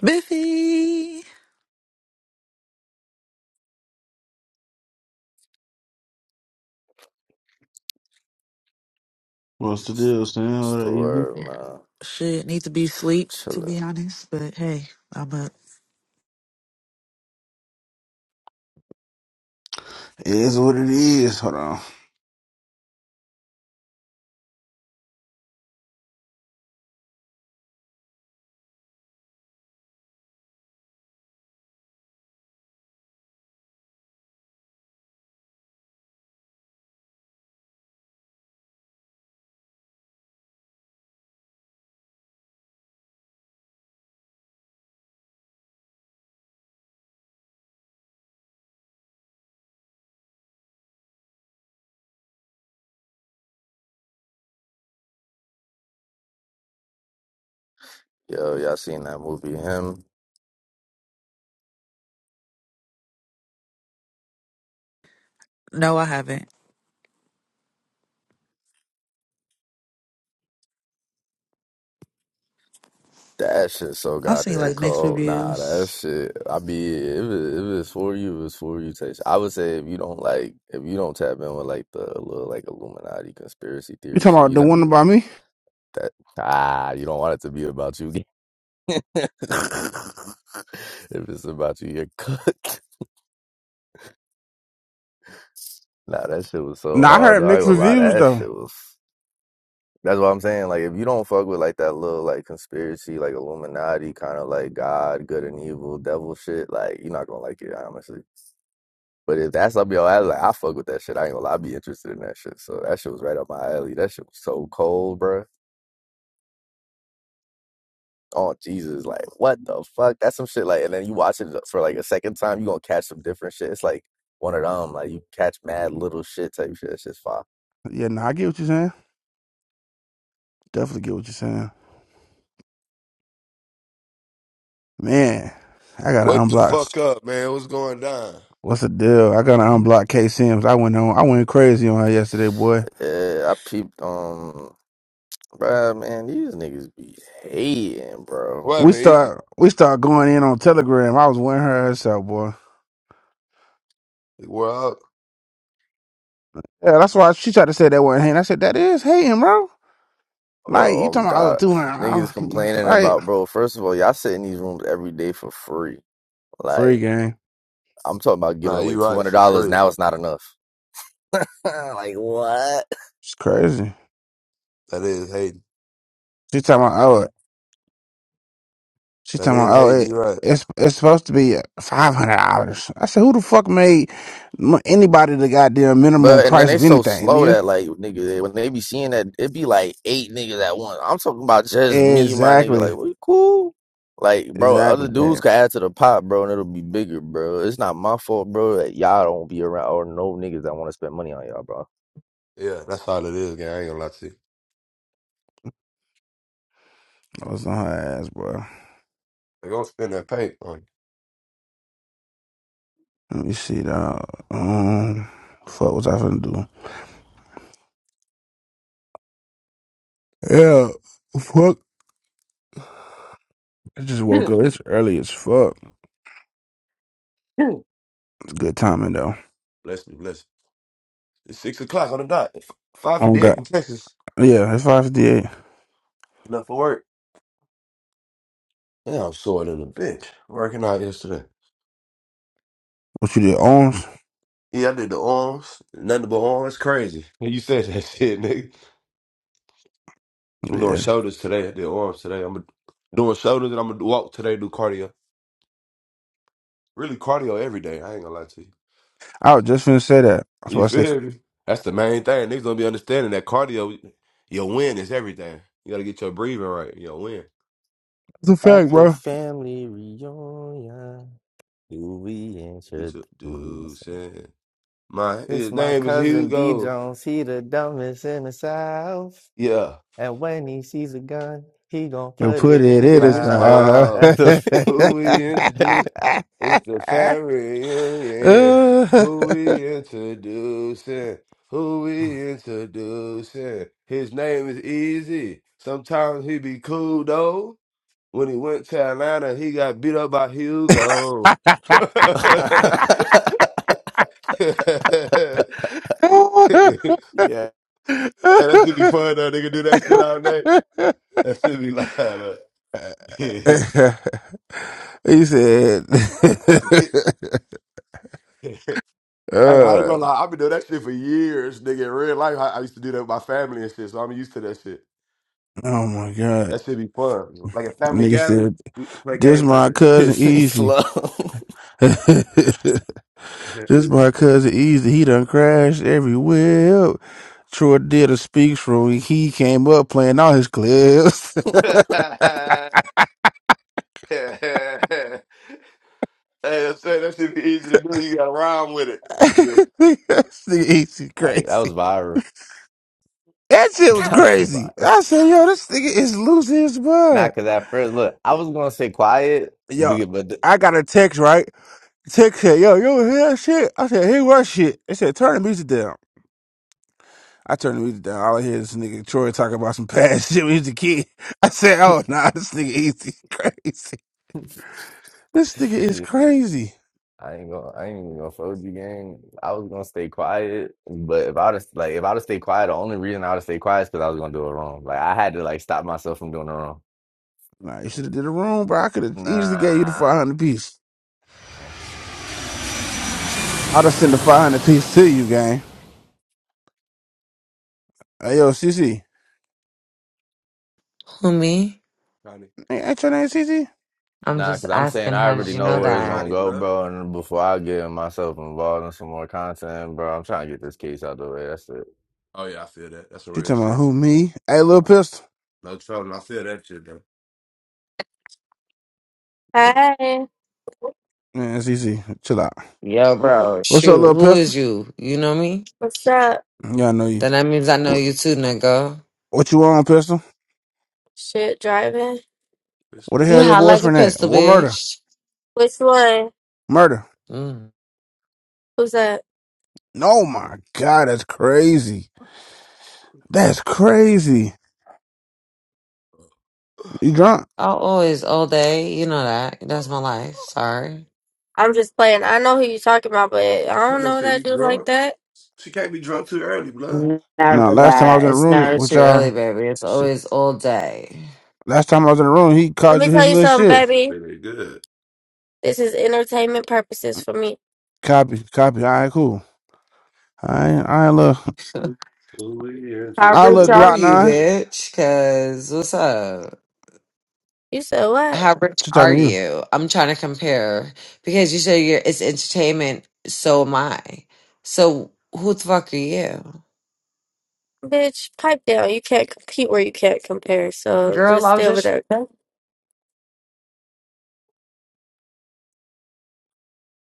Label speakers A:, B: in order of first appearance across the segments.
A: Biffy.
B: What's the
C: Stewart,
B: deal, Sam? It
C: man?
A: Shit, need to be sleep to
C: Chiller.
A: be honest, but hey, I'm up.
B: is what it is. Hold on.
C: Yo, y'all seen that movie, Him?
A: No, I haven't.
C: That shit so
A: I've seen
C: goddamn
A: like mixed
C: cold. Nah, that
A: reviews.
C: shit. I be if it, if it's for you, it's for you. Taste. I would say if you don't like, if you don't tap in with like the little like Illuminati conspiracy
B: You
C: theory
B: talking
C: shit,
B: about
C: you
B: the
C: know
B: one about me?
C: that ah, you don't want it to be about you. if it's about you, you're cooked. Nah, that shit was so
B: Nah, I
C: hard.
B: heard
C: Though. I ain't
B: mixed
C: gonna lie,
B: reviews
C: that
B: though.
C: shit was. That's what I'm saying. Like, if you don't fuck with like that little like conspiracy, like Illuminati kind of like God, good and evil, devil shit, like you're not gonna like it, honestly. But if that's up your alley, like I fuck with that shit. I ain't gonna lie, I be interested in that shit. So that shit was right up my alley. That shit was so cold, bruh. Oh Jesus, like what the fuck? That's some shit. Like, and then you watch it for like a second time, you gonna catch some different shit. It's like one of them, like you catch mad little shit type shit. That shit's fire.
B: Yeah, nah, I get what you're saying. Definitely get what you're saying. Man, I gotta
D: Wake the
B: unblock.
D: fuck up, man. What's going down?
B: What's the deal? I gotta unblock K Sims. I went on. I went crazy on her yesterday, boy.
C: Yeah, I peeped. Um, bruh, man, these niggas be hating, bro.
D: What
B: We
D: happened, Easy?
B: start. We start going in on Telegram. I was with her herself, boy.
D: We're out.
B: Yeah, that's why she tried to say that wasn't hating. I said that is hating, bro. Like
C: Bro,
B: you
C: oh
B: talking about oh,
C: God.
B: two
C: Niggas
B: hundred, oh,
C: complaining
B: right?
C: about, bro, first of all, y'all sit in these rooms every day for free.
B: Free
C: Like,
B: game.
C: I'm talking about
D: Nah,
C: giving away
D: you right for
C: $200.
D: free.
C: Now it's not enough. like, what?
B: It's crazy.
D: That is hating.
B: She talking about oh, She's
D: That
B: talking
D: is
B: about, oh,
D: hating.
B: it,
D: You right.
B: it's it's supposed to be five hundred dollars. I said, who the fuck made m- anybody the goddamn minimum
C: But, and then
B: price
C: they
B: of
C: so
B: anything,
C: slow
B: nigga?
C: that, like, nigga, they- when they be seeing that, it be like eight niggas at once. I'm talking about just me, my nigga.
B: Exactly,
C: Like, we cool. Like, bro, other
B: exactly.
C: dudes
B: Man,
C: could add to the pot, bro, and it'll be bigger, bro. It's not my fault, bro, that y'all don't be around or no niggas that want to spend money on y'all, bro.
D: Yeah, that's all it is, gang. I ain't gonna lie to you.
B: I was on her ass, bro.
D: They're gonna spend that paint on
B: Let me see, dog. Um, fuck, what I finna do? Yeah, fuck. I just woke
D: you.
B: up. It's early as fuck. It's good timing though.
D: bless me, bless you. It's six o'clock on the dot. Five
B: I don't
D: fifty eight
B: got.
D: in Texas.
B: Yeah, it's five fifty eight.
D: Enough for work. Yeah, I'm sore than a bitch. Working out yesterday.
B: What you did, arms?
D: Yeah, I did the arms. Nothing but arms. Crazy. You said that shit, nigga. I'm doing
B: Yeah,
D: shoulders today. I did arms today. I'm doing shoulders and I'm gonna walk today. Do cardio. Really cardio every day. I ain't gonna lie to you.
B: I was just finna say that. That's
D: You
B: what I said.
D: feel me? That's the main thing. Niggas gonna be understanding that cardio, your win is everything. You gotta get your breathing right. Your win.
B: It's a
C: At
B: fact,
C: the
B: bro.
C: family reunion. Dewey and
D: It's a dude
C: Shadows.
D: saying, My
C: This
D: his
C: my
D: name is
C: cousin D
D: Hugo.
C: Jones. He the dumbest in the South.
D: Yeah.
C: And when he sees a gun, he gonna
B: You
C: put
B: put
C: it in
B: it
C: his
B: in
D: In
B: his
D: this
C: mouth.
B: mouth.
D: mile.
C: That's a-
D: Who we introduce? It's the family reunion.
B: Uh,
D: Who we introducing? Who we introducing? His name is Easy. Sometimes he be cool though. when he went to Atlanta, he got beat up by Hugo. and that
C: yeah,
D: should be fun though. They can do that shit all night. That should be live. uh.
B: he said,
D: I I ain't gonna
B: uh,
D: lie, I've been doing that shit for years, nigga. In real life, I, I used to do that with my family and shit, so I'm used to that shit.
B: "Oh my god!"
D: That should be fun. Like a family
B: Nigga
D: gathering,
B: said,
D: we play
B: "This
D: games like
B: my cousin
C: this me
B: Easy.
C: slow.
B: this my cousin Easy. He done crashed everywhere." Troy did a speech from he came up playing all his clips.
D: that. hey, I'm saying that should be easy to do. You got to rhyme with it.
B: this nigga AC
C: like that was
B: crazy.
C: viral.
B: That shit was
C: That was
B: crazy.
C: viral.
B: I said, yo, this nigga is losing his mind.
C: Not cause at first, look, I was gonna say quiet,
B: Yo,
C: but but
B: I got a text, right? Text said, yo, yo, hear that shit? I said, hear what shit? They said, turn the music down. I turned the music down. All I hear is this nigga Troy talking about some past shit when he was a kid. I said, oh, nah, this nigga AC crazy. This nigga
C: th-
B: is crazy.
C: I ain't gonna, I ain't even gonna fold you, gang. I was gonna stay quiet, but if I'd have, like, if I'd have stayed quiet, the only reason I would have stayed quiet is because I was gonna do it wrong. Like, I had to like stop myself from doing it wrong.
B: Nah, you should have did a room, bro. I could have easily gave you the
C: Nah,
B: 500 piece. I'd have sent the 500 piece to you, gang. Hey, yo, CC.
E: Who me?
D: Connie.
B: Hey, ain't your name CC?
E: I'm
C: nah,
E: just
C: because I'm saying
E: asking.
C: I
E: How
D: I
E: did
C: already
E: you
D: thought her
C: know
E: know
D: name
C: where
D: was
C: it's
E: that?
C: gonna
D: Connie,
C: go,
D: blood.
C: bro. And before I get myself involved in some more content, bro, I'm trying to get this case out the way. That's it.
D: Oh yeah, I feel that. That's some
B: She
D: real
B: talking about
D: shit.
B: who me? Hey, little
D: I f-
B: pistol.
D: no trouble. I feel that shit though.
F: Hey,
B: Man, it's easy. chill out.
E: Yo, bro.
B: What's up,
E: Shoot,
B: little
E: who is
B: pistol?
E: you? You know me?
F: what's up?
B: Yeah, I know you.
E: Then that means I know
B: What,
E: you too, nigga.
B: what you on, pistol?
F: Shit, driving.
D: This
B: What the
D: dude.
E: You
B: hell your
E: hot like a
B: boyfriend at?
E: pistol,
B: What murder?
E: bitch.
F: Which one?
B: Murder.
E: Mm.
F: Who's that?
B: No, my God, that's crazy. That's crazy. You drunk?
E: Oh, always, all day. You know that. That's my life. Sorry.
F: I'm just playing. I know who you're talking about, but I
D: That
F: don't
D: nigga
F: know
D: say
F: that
D: you
F: dude like
D: drunk.
F: that.
D: She can't be drunk too early, blood.
B: No,
E: Never
B: last time I
E: that.
B: was in the
E: It's
B: room
E: never
B: with
E: too early,
B: y'all.
E: baby. It's
B: shit,
E: always all day.
B: Last time I was in the room, he
F: Let
B: called
F: me
B: you
F: tell
B: his
F: you
B: little
F: something,
B: shit.
D: She
F: baby.
D: feeling good.
F: This is entertainment purposes for me.
B: Copy, copy. All right, cool. All right. All right, look.
D: Who we here
E: How
D: to
B: I
E: rich
B: look
D: do?
E: are
B: Glock
E: you,
B: nine.
D: Sir?
E: bitch? Cause what's up?
F: You said what?
E: How rich
B: She
E: are
B: talking to
E: you? I'm trying to compare because you said you're it's entertainment. So am I. So who the fuck are you,
F: Bitch, pipe down. You can't compete where you can't compare. So
E: girl?
F: just
E: I was
F: stay over
E: just
F: there, okay?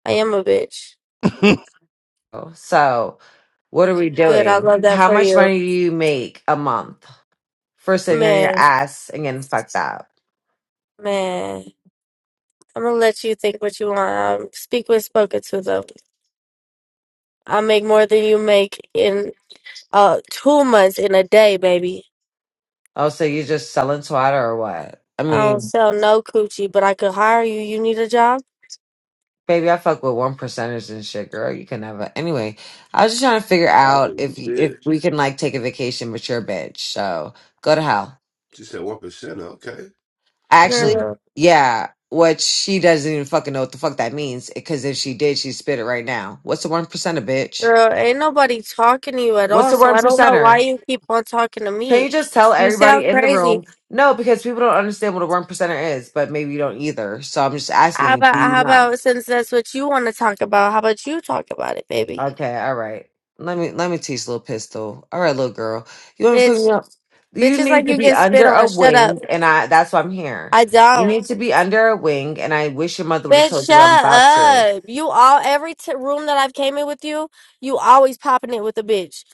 F: I am a bitch.
B: you.
E: so. What are we
F: Good, I
E: doing?
F: love that
E: How
F: for
E: much
F: you.
E: money do you make a month for sitting on your
F: Man,
E: ass and getting fucked up?
F: man. I'm gonna let you think what you want. Um, speak when spoken to, though. I make more than you make, in. Uh, two months in a day, baby.
E: Oh, so you're just selling twat or what? I
F: I don't
E: mean,
F: sell no coochie, but I could hire you. You need a job,
E: baby, I fuck with one percenters and shit, girl. You can never. Anyway, I was just trying to figure out
D: Oh
E: if if
D: shit.
E: we can like take a vacation, but you're a bitch. So go to hell.
D: She said one percent. Okay.
E: Actually,
F: girl.
E: yeah. What she doesn't even fucking know what the fuck that means. Because if she did, she'd spit it right now. What's the one percenter, bitch?
F: Girl, ain't nobody talking to you at
E: What's
F: all,
E: the
F: so
E: one
F: I don't know why
E: percenter?
F: you keep on talking to
E: Can
F: me.
E: you just tell
F: You
E: everybody
F: sound
E: in the
F: crazy.
E: room? No, because people don't understand what a one percenter is, but maybe you don't either. So I'm just
F: How
E: asking,
F: about
E: do you
F: how
E: know?
F: about since that's what you want to talk about? How about you talk about it, baby?
E: Okay, all right. Let me let me teach little pistol. All right, little girl. You want to put
F: Bitch,
E: me up?
F: bitch
E: You
F: is
E: need
F: like
E: to
F: you
E: be
F: get spit
E: under a
F: on. Shut up.
E: wing, and I that's why I'm here.
F: I
E: You
F: don't.
E: need to be under a wing, and I wish your mother would have
F: Bitch,
E: told you
F: shut
E: what I'm about to.
F: up. You all every t- room that I've came in with you, you always popping it with a bitch.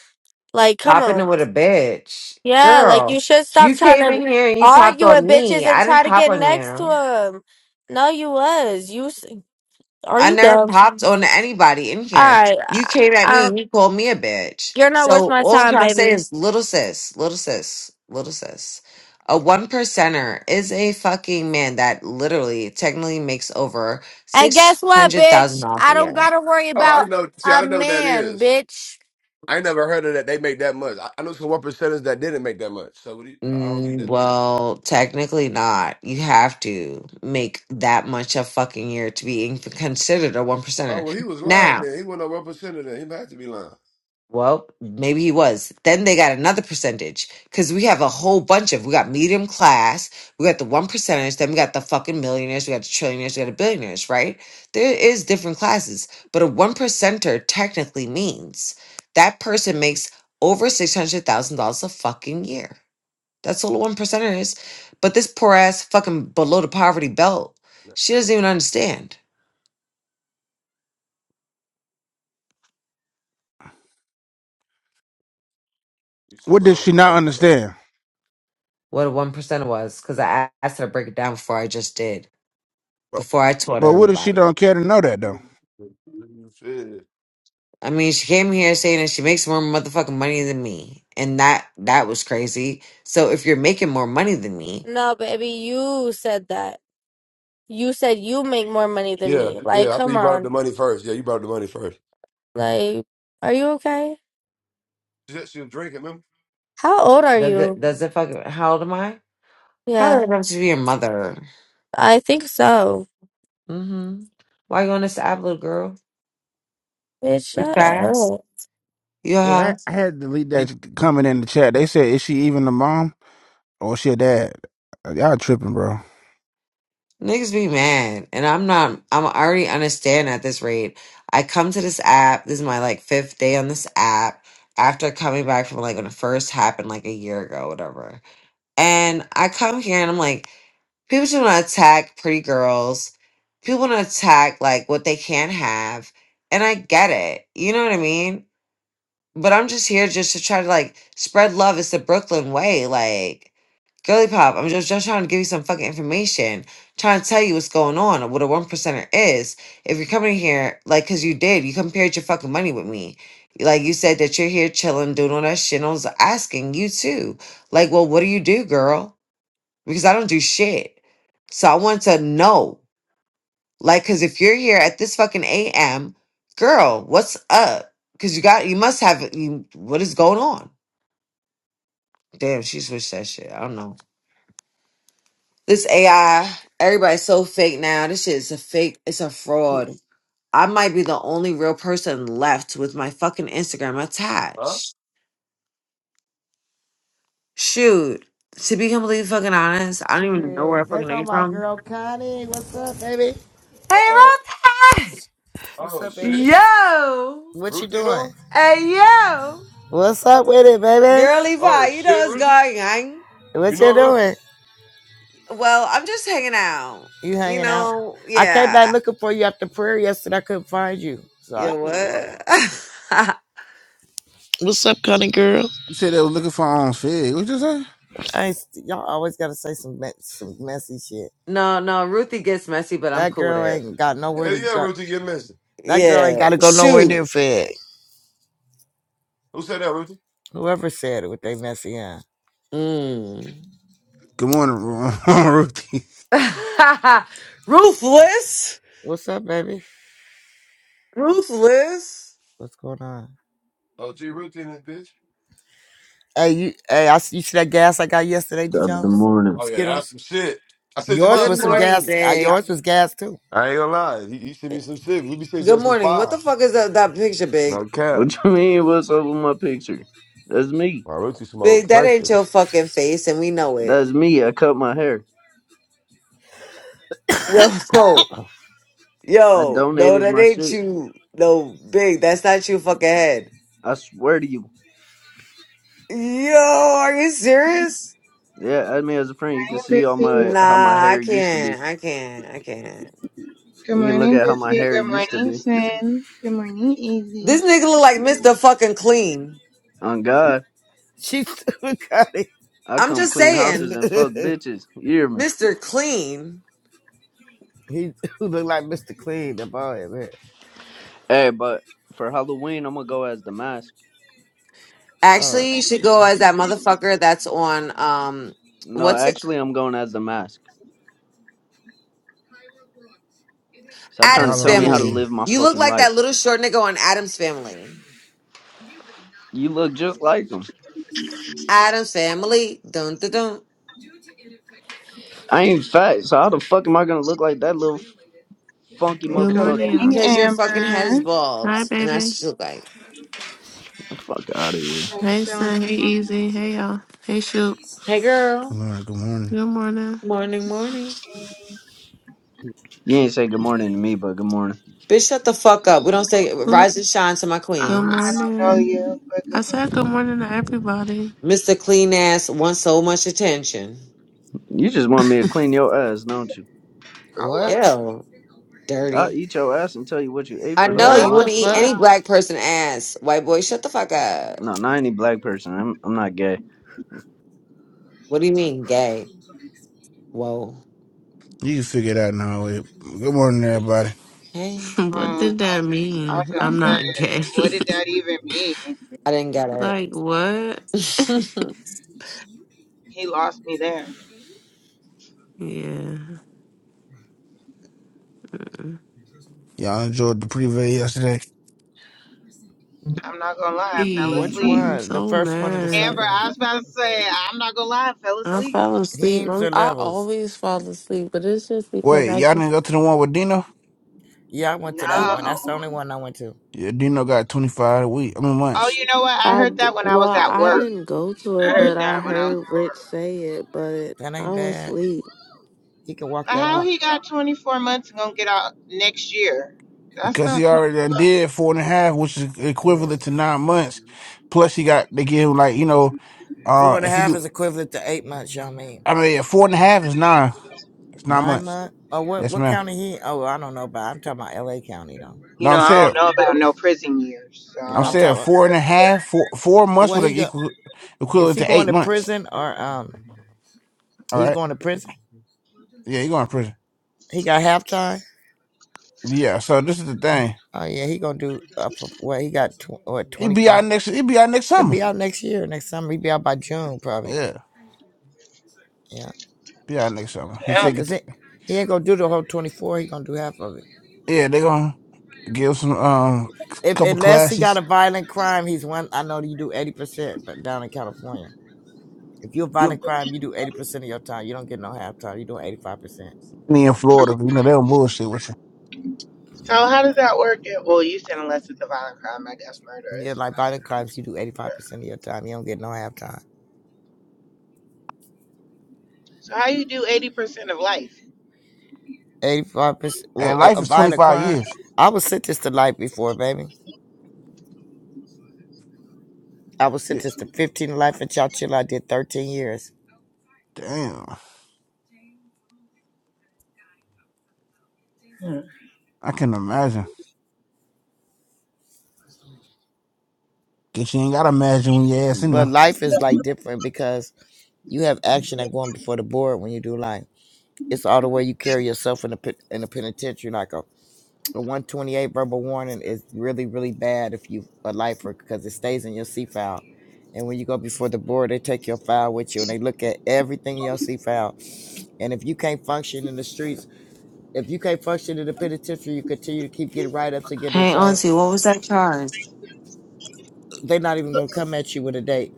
F: Like, come
E: Popping
F: on.
E: in with a bitch.
F: Yeah, like
E: Girl,
F: you should stop
E: you
F: trying
E: came
F: to
E: in here and you popped
F: argue
E: on
F: with bitches
E: me.
F: and
E: I didn't
F: try to
E: pop
F: get
E: on
F: next to
E: you.
F: him. No, you was. You s- are
E: I
F: you
E: never
F: dumb?
E: popped on anybody in
F: All
E: here.
F: right,
E: You
F: I,
E: came at me
F: I,
E: and you called me a bitch.
F: you're not worth
E: So
F: my
E: all I'm
F: time,
E: trying to say
F: baby.
E: is little sis, little sis, little sis. A one percenter is a fucking man that literally technically makes over
F: And guess
E: six
F: what,
E: hundred thousand
F: bitch?
E: dollars
F: I
E: a
F: don't
E: year.
F: gotta worry
D: Oh, I
F: about
D: know. See, I
F: a
D: don't know what that
F: man,
D: is.
F: bitch.
D: I ain't never heard of that. They make that much. I, I know some one percenters that didn't make that much. So what do you, I don't get
E: Mm,
D: that.
E: well, technically not. You have to make that much a fucking year to be in- considered a one
D: Oh
E: percenter.
D: well, he was lying.
E: Now,
D: Then he wasn't a one percenter. Then he had to be lying.
E: well, maybe he was. Then they got another percentage because we have a whole bunch of. We got medium class. We got the one percenters. Then we got the fucking millionaires. We got the trillionaires. We got the billionaires. Right? There is different classes, but a one percenter technically means that person makes over six hundred thousand dollars a fucking year. That's all the one percenter is. But this poor ass fucking below the poverty belt,
D: No,
E: she doesn't even understand
D: You said
B: What did
D: below
B: she not
D: probably.
B: understand?
E: what a one percenter was because I a- asked her to break it down before I just did, before I taught
B: But what if she
E: everybody.
B: don't care to know that though?
D: Shit.
E: I mean, she came here saying that she makes more motherfucking money than me, and that that was crazy. So if you're making more money than me,
F: No, baby, you said that. You said you make more money than
D: Yeah,
F: me.
D: yeah.
F: Like,
D: I think
F: come
D: you brought up
F: on.
D: the money first. Yeah, you brought up the money first.
F: Like, are you okay?
D: She she was drinking, remember?
F: How old are
E: does
F: you?
E: it does it fucking how old am I?
F: Yeah,
E: Probably enough to be your mother.
F: I think so.
E: Mm-hmm. Why you on this app, little girl?
F: Bitch,
E: You
F: shut
E: fast?
F: up.
E: You
B: Well,
E: high?
B: I, I had to leave that comment in the chat. They said, "Is she even the mom or is she a dad?" Uh, Y'all tripping, bro.
E: Niggas be mad, and I'm not. I'm already understand at this rate. I come to this app. This is my like fifth day on this app after coming back from like when it first happened, like a year ago, whatever. And I come here and I'm like, people just want to attack pretty girls. People want to attack like what they can't have, and I get it. You know what I mean? But I'm just here just to try to like spread love. It's the Brooklyn way, like. Girly pop, I'm just, just trying to give you some fucking information. Trying to tell you what's going on or what a one percenter is. If you're coming here, like, cause you did, you compared your fucking money with me. Like you said that you're here chilling, doing all that shit. And I was asking you too. Like, well, what do you do, girl? Because I don't do shit. So I want to know. Like, cause if you're here at this fucking AM, girl, what's up? Cause you got you must have you what is going on? Damn, she switched that shit. I don't know. This AI, everybody's so fake now. This shit is a fake. It's a fraud. I might be the only real person left with my fucking Instagram
D: Huh?
E: attached. Shoot. To be completely fucking honest, I don't even know where
G: Yeah,
E: I
G: there
E: fucking
G: go
E: came
G: my
E: from.
G: girl Connie. What's up, baby?
D: Uh
E: Hey,
D: oh.
E: Rob.
G: What's
D: Oh
G: up, baby?
D: shit.
E: Yo.
G: What you
D: Ruthie
G: doing?
D: no.
E: Hey, yo.
G: What's up with it, baby?
E: Girly pie,
D: Oh
E: you know
D: shit,
E: what's
D: Ruthie.
E: going on?
D: You
G: What you
D: know Ruthie?
G: doing?
E: Well, I'm just hanging out.
G: You
E: You
G: hanging out?
E: know,
G: I came
E: yeah.
G: back
E: I-
G: looking for you after prayer yesterday. I couldn't find you.
D: Whoa,
G: Sorry.
E: Yo,
G: I just,
D: what?
E: what?
G: What's up, Connie girl?
B: You said they was looking for on Fig. What you say?
G: I ain't, y'all always gotta say some me- some messy shit.
E: no, no, Ruthie gets messy, but I'm
G: That
E: cool with
G: girl
E: it.
G: ain't got
D: Yeah,
G: nowhere to
D: yeah,
G: go.
D: Ruthie, you're missing.
G: That girl ain't
E: Yeah.
G: gotta go nowhere
E: Shoot.
G: near fed.
D: Who said that, Ruthie?
G: Whoever said it with they messy ass.
E: Mm.
B: Good morning, Ru- Ruthie.
E: Ruthless.
G: What's up, baby?
E: Ruthless.
G: What's going on?
D: Oh G, Ruthie in this bitch.
G: Hey, you, hey, I, s- you see that gas I got yesterday, D
H: Top of the
G: Jones?
H: morning.
G: Them
D: Oh yeah, that's
G: Skittles.
D: some shit. I said your
G: Yours
D: mind
E: Good
G: was
D: too,
G: some
D: right?
E: morning,
G: gas. Uh, yours
E: Big.
G: was gas too.
D: I ain't gonna lie. You, you sent me some shit. You be saying
E: Good
D: that's some
E: morning. What
D: fire.
E: the fuck is that, that picture,
D: No
E: Big?
D: cap.
H: What you mean? What's up with my picture? That's me.
D: My Ruthie
E: Big,
D: smoked
E: that ain't
D: pressure.
E: your fucking face, and we know it.
H: That's me. I cut my hair.
E: Yo,
H: I
E: yo, no,
H: donated
E: that
H: my
E: ain't
H: shit.
E: you. No, Big, that's not your fucking head.
H: I swear to you.
E: Yo, are you serious?
H: Yeah, I mean, as a friend. You can
I: morning,
H: see all
I: Biffy.
H: my how my
E: Nah, I
H: hair used to be.
E: can't. I can't. I can't.
I: Good
H: You can look
I: morning,
H: at how my
I: Biffy.
H: hair
I: Good
H: used to
I: morning,
H: be.
I: Sin. Good morning, Easy.
E: This nigga look like Mr. Fucking Clean.
H: On God,
G: She still got
H: I
E: I'm
H: come
E: just
H: clean
E: saying.
H: houses and fuck
G: it.
H: bitches. You hear me?
E: Mr. Clean
G: he looked like Mr. Clean, the boy, man.
H: Hey, but for Halloween, I'm gonna go as the mask.
G: Uh,
E: actually should go as that motherfucker that's on um
H: No,
E: what's it?
H: actually, I'm going as the mask. Stop trying to
E: Adam's
H: tell me how to
E: Family.
B: Halloween.
H: live my
E: You look
H: fucking
E: like
H: life.
E: that little short nigga on Adam's Family.
H: You look just like him.
E: Adam's Family. Dun dun dun.
H: I ain't fat, so how the fuck am I gonna look like that little Funky
J: Good
I: Good
J: morning,
H: motherfucker.
J: y'all.
I: morning,
E: Cause your fucking head is
I: Amber.
E: bald.
J: Hi,
E: And that's
J: baby.
E: what you look like.
H: Fuck out of here.
I: How you
J: Hey,
I: feeling
J: son. Hey,
I: this morning?
J: Easy. Hey, y'all. Hey, Shoot.
E: Hey
B: Good
E: girl.
B: morning. Good morning.
J: Good morning.
E: Morning, morning.
H: You ain't say good morning to me, but good morning.
E: Bitch, shut the fuck up. We don't say
J: Oop.
E: rise and shine to my
I: Uh,
J: Good
I: I
E: queens.
I: don't know
J: morning.
I: you, but good
J: I
I: morning.
J: said good morning to everybody.
E: Mr. Clean ass wants so much attention.
H: You just want me to clean your ass, don't you?
I: Oh, wow.
G: what?
E: Ew.
H: I'll
E: Dirty.
H: eat your ass and tell you what you ate
E: I
H: for the
E: know
H: whole
E: you
G: What
H: month.
G: the
E: want to eat
G: fuck?
E: any black
I: Oh,
E: person ass. White boy, shut the fuck up.
H: No, not any black person. I'm I'm not gay.
E: What do you mean gay? Whoa.
B: You can figure it out now. Wait. Good morning, everybody.
E: Hey.
I: wow.
J: what
I: Hmm.
J: did that
I: I was
J: mean?
I: going
J: I'm
I: to say,
J: not gay.
I: what did that even mean?
E: I didn't get
J: like, what?
E: it.
I: He lost me there.
J: Yeah.
B: Y'all enjoyed the preview yesterday.
I: I'm not going to lie. I fell
J: Sleep.
G: Which
I: asleep.
J: I'm
G: one? The
J: so
G: first one or the
I: Amber,
J: mad.
G: second one?
I: I was about to say, I'm not going to lie. I fell
J: I
I: asleep.
J: fall asleep.
G: Teams
J: I'm,
G: or
J: I
G: levels?
J: always fall asleep, but it's just because
B: Wait,
J: I,
B: y'all
J: get-
B: didn't go to the one with Dino?
G: Yeah, I went
I: No.
G: to that one. That's the only
I: Oh,
G: one I went to.
B: Yeah, Dino got twenty five a week. I mean months.
I: you know what? I
J: I,
I: heard that
J: d-
I: when I
J: well,
I: was at
J: I
I: work.
J: didn't go to
I: I
J: it, but
I: heard
J: I
I: that when I was
J: heard Rich say it, but
G: That
J: I
G: ain't
J: was
G: bad.
J: asleep.
G: He can walk that
I: How
G: off.
I: he got 24 months and gonna get out next year? That's
B: Because he
I: not
B: already
I: 20.
B: done did four and a half, which is
G: Yeah.
B: equivalent to nine months. Plus, he got they give him like you know
G: Four
B: uh,
G: and a
B: if you
G: half
B: do
G: is equivalent to eight months, y'all mean?
B: I mean, yeah, four and a half is nine. It's nine months.
G: Lima. Oh, what
B: Yes,
G: what
B: ma'am.
G: county he? Oh, I don't know, but I'm talking about L.A. County though.
I: You
B: No,
I: know,
B: I'm
I: I
B: saying,
I: don't know about no prison years, so I
B: I'm
G: I'm
I: don't know.
B: saying
G: talking. About,
B: four and a half, four, four months
G: well,
B: would
G: he go.
B: equal
G: Is
B: equivalent
G: he
B: to
G: going
B: eight
G: to
B: months.
G: prison or um?
B: All
G: He's
B: right.
G: going to prison.
B: Yeah, he going to prison.
G: He got half time.
B: Yeah. So this is the thing.
G: Oh yeah, he gonna do up. for- Well, he got tw- what
B: He
G: twenty
B: be
G: five.
B: out next. He be out next
G: He'll
B: summer.
G: be out next year. Next summer, he'll be out by June probably.
B: Yeah,
G: Yeah,
B: be out next summer. He
I: Damn.
B: take it.
G: cause
B: To,
G: he he ain't gonna do the whole twenty four. He gonna do half of it.
B: yeah, they gonna give some um
G: If
B: couple
G: unless he got
B: classes.
G: a violent crime, he's one. I know you do eighty percent, but down in California, if you're a
B: You
G: violent crime, you do eighty percent of your time. You don't get no half time. You do eighty five percent.
B: be in Florida, you know they don't bullshit with you.
I: So how does that work? At, well, you said unless it's a violent crime, I guess murder
G: Yeah,
I: is.
G: like
I: fine.
G: violent crimes, you do 85% of your time. You don't get no half time.
I: So how you do 80% of life?
G: 85%, well,
B: And
G: a
B: life
G: a
B: is twenty
G: violent
B: five
G: crime,
B: years.
G: I was sentenced to life before, baby. I was
B: Yeah.
G: sentenced to 15 to life in Chowchilla. I did 13 years.
B: Damn,
I: Hmm.
B: I can imagine. Guess you ain't gotta imagine when your ass in
G: But
B: there.
G: life is like different because you have action and going before the board when you do life. It's all the way you carry yourself in the pen- in the penitentiary. Like a, a 128 verbal warning is really, really bad if you a lifer because it stays in your C file. And when you go before the board, they take your file with you and they look at everything in your C file And if you can't function in the streets, if you can't function in the penitentiary, you continue to keep getting write ups and getting in
E: Hey,
G: trouble.
E: Auntie, what was that charge?
G: They're not even gonna come at you with a date.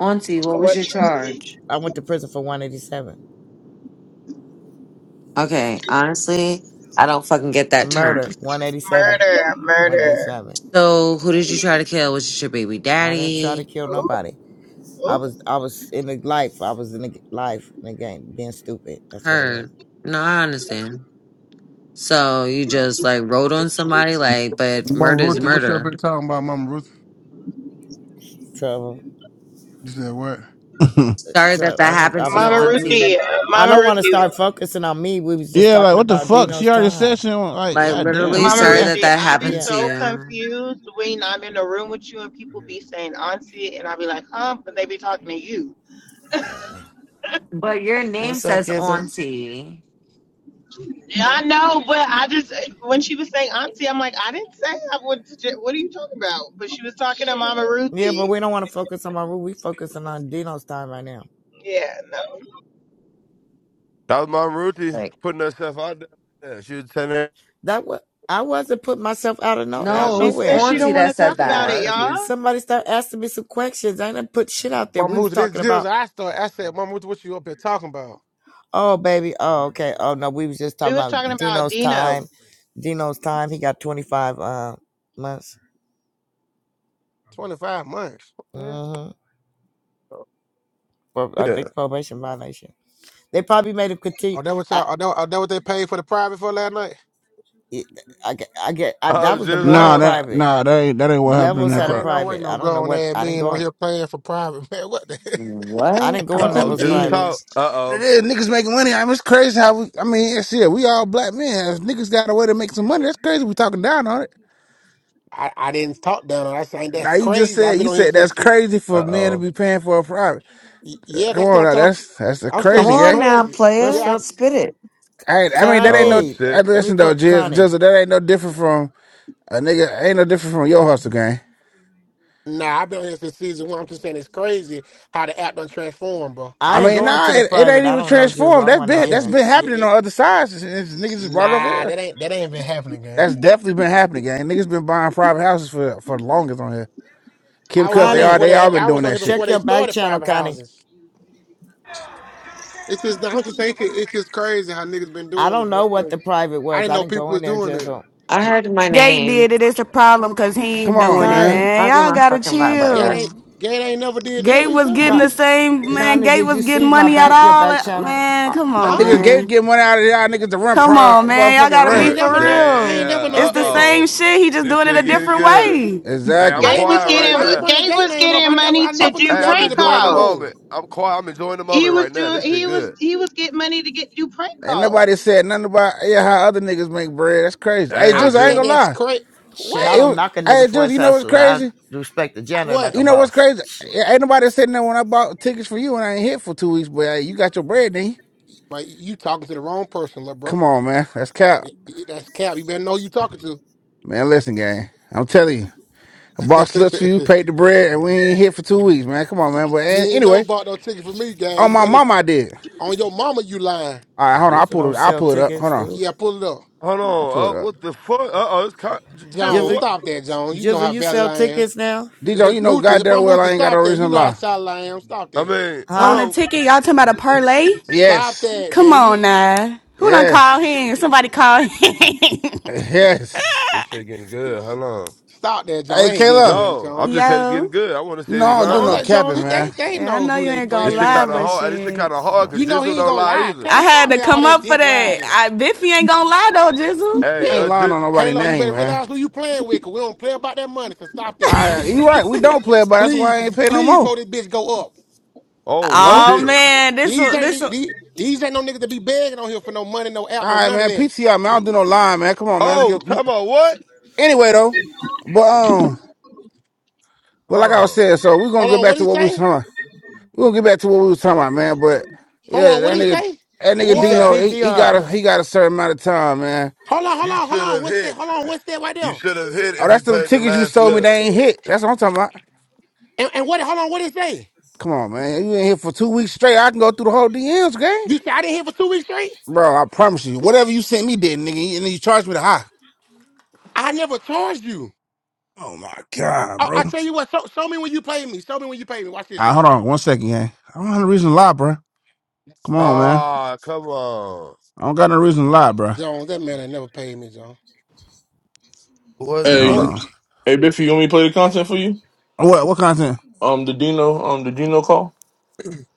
E: Auntie, what was
I: What
E: your
I: charge?
E: charge?
G: I went to prison for 187.
E: Okay, honestly, I don't fucking get that term.
G: Murder, 187.
I: Murder, murder.
G: 187.
E: So, who did you try to kill? Was it your baby
G: I didn't try to
E: daddy?
G: kill
I: Ooh,
G: nobody. I was
I: ooh.
G: I was in the life. I was in the life in the game, being stupid. That's what it was.
E: Her. No, I understand. So, you just like rode on somebody, like, but
K: Mama
E: murder is
K: Ruthie, what you
G: Uh,
K: up
E: murder.
K: here talking about, Mama Ruthie?
G: trouble,
K: You said what?
E: Sorry that
G: trouble.
E: that
G: I don't. I
E: happened to
G: was.
E: you,
I: Mama
G: We.
E: Auntie.
I: Ruthie,
G: I
I: Mama
G: don't want to
I: Ruthie,
G: start focusing on me. We was just
B: Yeah, like
G: talking
B: what the
G: about
B: fuck? She
G: Dino's
B: already said
G: time.
B: she don't like.
E: Like,
B: God damn,
E: literally,
B: you
I: Mama
B: keep
E: sorry
B: asking.
E: that
I: Ruthie,
E: that
I: I be
E: happened
G: Yeah.
E: to
I: so
E: you.
I: confused when I'm in a room with you and people be saying auntie, and I be like, huh, but they be talking to you.
G: Uh,
E: But your name
G: what's up,
E: says
G: Jizzle?
E: Auntie.
I: Yeah, I know, but I just when she was saying auntie, I'm like, I didn't say I went to. j- What are you talking about? But she was talking to Mama
G: Yeah, but
I: Ruthie.
G: we don't want to focus on my root. We focusing on Dino's time right now.
I: Yeah, no.
D: That was my Ruthie putting herself out there. She was 10
G: That was I wasn't putting myself out of no
E: No,
G: out
D: seven,
E: it
I: She
E: was
I: says
G: nowhere.
I: she
E: Auntie
I: don't want
D: so
I: to
D: of
E: that
D: course
E: said
I: talk
D: they
I: about
D: gonna
I: it,
E: that.
D: ask
I: y'all.
D: me.
G: Somebody started asking me some questions. I didn't put shit out there. We
K: Mama
G: was
K: Ruth, this
G: talking
K: Jill's
G: about
K: I start. I said, Mama Ruth, what you up here talking about?
G: oh baby, oh okay, oh no, we was just
I: We
G: talking
I: was
G: about
I: talking about
G: Dino's
I: Dino.
G: time. Dino's time. He got twenty five uh, months.
K: Twenty five months. What the
G: Mm-hmm.
K: hell?
G: For I
D: Yeah.
G: think probation violation. They probably made him continue.
K: Oh, that what
G: I,
K: y'all? Oh, that, oh, that what they paid for the private for last night?
G: I, get- I get. I,
D: I
G: that
D: was
G: was the
D: just
G: morning
B: Nah,
D: uh
B: that
G: private.
B: nah, that ain't that ain't what happened in
G: Levels
B: that
G: at
K: Nah,
G: a
K: I ain't
B: part.
K: no way
G: private. I
K: no
G: don't know
K: grown
G: what.
K: ass
G: I didn't
K: men
G: go.
K: on
G: in.
K: here paying for private man. What the? hell?
G: I
E: What?
G: didn't go
D: uh
E: I'm
G: on
D: oh,
G: levels
D: just
G: private.
D: talk.
E: confused.
D: Uh
B: It
D: oh,
B: is niggas making money. I mean, it's crazy how we. I mean, shit, we all black men. If niggas got a way to make some money. That's crazy. We talking down on it.
K: I I didn't talk down on. her. I saying that's
B: Now you just
K: crazy. I've
B: said
K: been
B: you
K: on here
B: said
K: since.
B: that's
K: She,
B: crazy for
D: uh
B: men to
D: oh,
B: be paying for a private.
K: y- yeah,
B: Come
K: that's
B: on,
K: not
B: now
K: talk.
B: that's that's a
K: I'm
E: Come
K: saying
B: crazy
K: that's
E: on
B: guy.
E: now,
K: crazy.
G: What's
E: player.
K: Yeah,
G: up,
K: I,
E: Spit it.
B: I I mean that ain't
D: oh
B: no.
G: Connie?
B: I
D: shit.
G: Let me
B: listen though,
G: put Connie.
B: Jizzle, that ain't no different from a nigga. Ain't no different from your hustle game.
K: nah, I've been on here since season one. I'm just saying it's crazy how the app done transformed, bro.
G: I
B: I
G: didn't
B: mean,
G: go into
B: nah,
G: the
B: it, it
G: private.
B: ain't
G: I
B: even
G: don't know, Jizzle.
B: transformed.
G: I
B: That's
G: went
B: been
G: on
K: Yes,
B: that's
G: here.
K: it,
B: been happening
K: yeah,
B: on other sides. Since, since niggas just brought it over
K: Nah,
B: here.
K: that ain't that ain't been happening, gang.
B: That's definitely been happening, gang. Niggas been buying private houses for for the longest on here. Kim
K: I was
B: Cuts,
K: on here
B: they all
G: Connie,
K: before
B: they
K: they.
B: all been
K: I was
B: doing
K: on here
B: that shit.
K: before
G: check
K: they
G: your back
K: started
G: channel,
K: private
G: Connie.
K: houses. It's just, I'm just saying, it's just crazy how niggas been
G: I
K: doing
G: don't
K: it.
G: know
K: That's
G: what
K: crazy.
G: the private
K: I
G: was.
K: didn't
G: I
K: know
G: didn't go
K: people
G: in
K: was
G: there,
K: doing it.
G: Jizzle.
E: I
G: You-
E: heard my
L: Gate did
E: name.
L: it. It's a problem because he ain't
B: Come on,
L: doing it,
B: man.
G: Connie,
L: man.
E: I'll do
L: Y'all
E: my
L: gotta
E: fucking
K: Gate
E: vibrator.
K: ain't
L: chill.
K: Gate ain't never did that.
L: Gate
K: What you
L: was
K: talking
L: getting
G: Con-
K: about?
L: the same, man.
G: Connie,
L: Gate
G: did
L: was
G: you
L: getting
G: see my
L: money out
G: back
L: of
G: your
L: all
G: back
L: that.
G: channel?
L: Man,
B: I,
L: come on,
B: niggas
K: Huh?
B: gave
L: man.
B: get money out of y'all niggas to run
L: Come
B: pro
L: on, man. Y'all
B: motherfucking
L: gotta
K: I
B: run.
L: be
K: ain't
D: Re-
L: for
K: never know. I ain't
L: real.
D: Damn.
K: never
L: It's
D: Uh
K: known
L: the
K: Gate. to-
L: same
D: oh,
L: shit. He just
D: this
L: doing it a
D: shit getting
L: different
D: good.
L: way.
D: Hey, I'm
K: I
B: Exactly.
I: Gay
K: didn't
I: was
D: quiet
K: never know
D: right
I: getting
K: why you
D: now.
K: bring a
I: Gay
K: Gate
I: was
K: name up. I
I: getting
K: never.
I: money
K: I
D: I,
I: to
K: never knew
I: do
D: hey,
K: Gate
D: I'm
K: did
I: prank
K: a
D: enjoying
K: private
D: the
I: calls.
K: room.
D: moment. I'm quiet. I'm enjoying the
I: He
D: moment right
I: was
D: now.
I: doing.
D: This shit
I: He was
D: good.
I: he was getting money to get do prank
B: Ain't
I: calls.
B: nobody said nothing about yeah how other niggas make bread. That's crazy. Hey,
D: Damn,
K: I
B: Juice, I ain't
K: said
B: gonna
D: Jizzle.
K: that's
B: lie.
K: crazy.
G: Shit, I
B: It,
K: What?
G: don't
B: was-
G: knock a nigga
B: hey,
G: for
B: Juice,
G: his
B: you know what's
G: hustle. I
B: crazy?
G: respect the janitor like
K: What?
G: a
B: You know what's
G: boss.
B: crazy?
G: Shit.
B: Yeah, Ain't nobody sitting there when I bought tickets for you and I ain't hit for two weeks, but hey, you got your bread, then
K: But you talking to the wrong person, little bro.
B: Come on, man. That's cap.
K: Y- y- That's cap. You better know who you talking
B: Man, listen, gang. I'm telling you. I bought slips for
K: to.
B: you, paid the bread, and we ain't here for two weeks, man. Come on, man. But
K: You
B: eh,
K: ain't never
B: anyway,
K: bought no ticket for me, gang.
B: on
K: You
B: my
K: better,
B: mama I did.
K: on your mama, you lying.
B: All right, hold on. I
G: Jizzle
B: pulled
G: don't
B: it. I
G: sell
B: pull it up. Hold
G: tickets,
B: on.
G: do it?
K: Yeah, pull it up.
D: Hold
B: I
D: on.
B: pull it
D: Uh,
B: up.
D: what the fuck? Uh oh, it's con- J- Jizzle.
K: Jones,
G: Jizzle,
D: What?
K: stop that, Jones. You know
G: Jizzle,
K: how
G: you
K: valid
G: sell
K: I am.
G: tickets now?
B: DJ, you know
K: Ruthie,
B: goddamn
K: Mama
B: well
K: Ruthie,
B: I ain't got no
K: stop that. You
B: reason to
K: know how
B: lie.
E: Hey,
K: solid I am. Stop
D: I
K: that.
D: mean, hold
L: On
G: Huh?
L: a
D: on.
L: ticket, y'all talking about a parlay?
K: Stop
B: Yes.
K: that,
L: Come
K: man. You
L: on now. Who done call
B: Yes.
L: him? Somebody call him.
B: Yes.
D: This shit getting good. Hold on.
K: stop that, Jones.
B: Hey
K: I ain't getting
B: Kayla,
K: with
D: No, I'm
K: Jones.
D: just saying it's
L: Yo.
D: getting good. I want to
B: you
D: see
B: know
D: if he
E: Oh,
B: I don't do
D: lying.
K: Jones,
B: no
K: that
E: God, I'm
B: capping,
K: Jones,
B: man.
K: they
E: fine.
K: they
L: Yeah, I
K: know
L: know
K: who
L: you
K: they
L: ain't gonna
D: This
K: playing
D: shit
L: lie,
K: with,
D: kind of
L: but
K: Jones.
D: hard. hey, This shit
L: shit.
D: kind of hard
E: Yeah.
K: You
D: because
K: know
D: Jizzle
K: he ain't
D: don't
E: Mm.
K: gonna
D: lie
E: It's-
K: lie.
D: either.
L: I
K: Kayla,
L: had
K: stop
L: to
K: that all
L: come
K: that
L: up for
K: dick
L: that.
K: riding.
L: I, Biffy ain't gonna lie though, Jizzle.
D: Hey,
B: I
K: He,
B: ain't
D: uh,
B: lying
D: Jiz-
B: on nobody's
K: Kayla, you
B: name,
K: better
B: man.
K: realize who you playing with, cause we don't play about that money. So stop that,
B: I you
K: please.
B: right, we don't play but that's
K: Please,
B: why I ain't pay no
K: please,
B: more.
K: for this bitch go up.
D: oh
B: Hello?
K: These
L: Oh
K: these
D: shit.
L: man, this
K: these
L: one,
K: ain't
L: this one.
K: these, these ain't no niggas that be begging on here for no money, no
B: All
K: app, no
B: right,
K: none of
B: man.
K: that.
B: PTI, man. I don't do no lying, man. Come on, man. Let's
D: Oh,
B: get.
D: talking about what?
B: Anyway, though, but um, but
D: Hold
B: like I was
D: on.
B: saying, so we're gonna
K: Hold
B: get
K: on, what
B: back
K: did
B: to
K: he
B: what we was
K: say?
B: talking. About. We're gonna get back to what we was talking about, man. But
K: Hold
B: yeah,
K: on, what did
B: that
K: he
B: nigga,
K: say?
B: that nigga
G: He said
D: What?
B: Dino, he, he got
G: PTR.
B: a he got a certain amount of time, man.
K: Hold on, hold
D: You
K: on, hold
D: should
K: on.
D: have
K: What's that?
D: hit.
K: Hold on, what's that right
D: You
K: there?
D: should have hit
B: Oh,
D: if you
B: that's the
D: played the
B: tickets you
D: last
B: sold me.
D: slip.
B: They ain't hit. That's what I'm talking about.
K: And, and what? Hold on, what did he say?
B: Come on, man. You in here for two weeks straight. I can go through the whole DMs, gang.
K: You said I didn't hit for two weeks straight?
B: Bro, I promise you, whatever you sent me did, nigga, and then you charged me the high.
K: I never charged you.
B: Oh my god,
K: I, I
B: bro.
K: tell you what, show, show me when you paid me. Show me when you paid me. Watch this,
B: Ah, hold
K: y'all.
B: on one second, gang. I don't have no reason to lie, bro. Come on, man.
D: Ah, come on.
B: I don't got no reason to lie, bro.
K: Jones, that man ain't never paid me, Jones.
D: What
B: Man, Hold
K: Oh,
M: Hey,
D: the?
B: on.
M: hey, Biffy, you want me to play the content for you?
B: What what content?
M: Um, the Dino, um, the Dino call.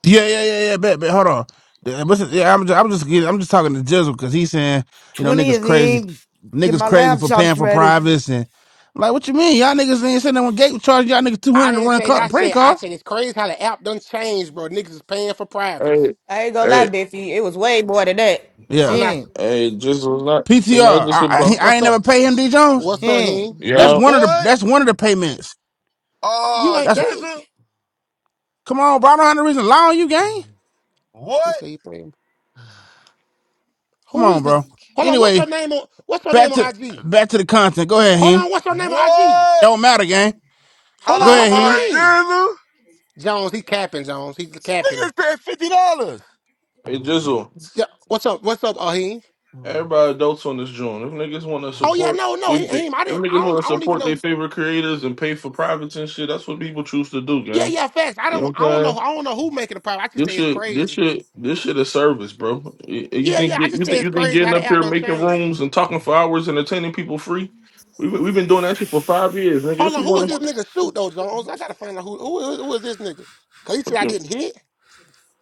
B: Yeah, yeah, yeah, yeah. Bet, bet. Hold on. Uh, What's it, yeah, I'm just, I'm just, getting- I'm just talking to Jizzle because he's saying, you know,
G: 20
B: niggas
G: of
B: crazy,
G: him. Get
B: niggas
G: my
B: crazy
G: lamb
B: for paying
G: chops
B: for
G: ready.
B: privates, and I'm like, what you mean, y'all niggas ain't sitting there when gate charge y'all niggas two
K: I
B: hundred to
K: didn't
B: run
K: say
B: car,
K: not
B: prank
K: said. I
B: calls.
K: said it's crazy how the app done changed, bro. Niggas is paying for privates.
M: Hey,
L: I ain't gonna lie,
M: hey,
L: Biffy. It was way more than that.
K: I'm
B: Yeah,
K: not.
G: Him.
M: hey, Jizzle, it's not, it's
B: PTR.
M: not just
B: I, I, he-
M: about.
B: I
K: What's
B: ain't
K: up?
E: mm,
B: never
E: it's-
B: pay him
E: it's-
B: D Jones.
K: What's
E: it's-
K: up,
G: Him.
K: Hing?
E: mm,
D: Wh-
B: That's
M: Yeah,
B: one of the,
D: What?
B: that's one of the payments.
K: You
D: Ah,
K: ain't
B: That's
K: that.
D: Jizzle.
B: come on, bro. I don't have no reason to lie on you, gang.
E: mm.
K: He
D: What?
K: said he paid playing.
B: Come
K: Who is
B: on,
K: this?
B: bro.
K: Hold on, what's her
B: Anyway,
K: name on what's her name
B: back
K: on
B: to,
K: IG?
B: back to the content. Go ahead,
K: Hold
B: he.
K: on, what's her name on IG?
D: What?
B: Don't matter, gang.
K: Hold
B: Go
K: on, what's
B: ahead,
K: her
D: Ah,
B: he.
K: name?
D: Jizzle.
K: Jones, he capping, Jones. He's
E: It's
D: Nigga
K: capping.
D: said fifty dollars.
M: hey,
E: gone,
M: Jizzle.
E: it's
K: Jo- What's up? What's up, Aheem?
E: gone.
M: Everybody adults on this joint. If niggas want to
K: Oh
E: Ah,
K: yeah,
M: support,
K: no, no, he,
M: if, they-
K: Aheem. I
M: if
K: didn't I
M: niggas
K: don't
M: want to
K: I don't even
M: support their
K: know.
M: favorite creators and pay for privates and shit, that's what people choose to do,
K: Yeah,
M: gang.
K: yeah, facts. I
M: You know
K: don't
M: what
K: I don't
M: I'm
K: know
M: saying?
K: I don't know who
E: mm,
K: making the problem. I just
M: This
K: say it's
M: shit, this
K: crazy.
M: shit, this shit is service, bro. You you
K: Yeah, yeah,
M: think
K: I
M: you
K: just say
M: think
K: it's
M: you think
K: crazy
M: getting
K: how the
M: up
K: app
M: here
K: done
M: making
K: changed.
M: rooms and talking for hours, entertaining people free? We've been, we've been doing that shit for five years, nigga.
K: Hold
M: If we
K: on, who was
M: want
K: this nigga shoot though, Jones? I gotta find out who who who who was this nigga. Cause he said I
M: You
K: didn't hit.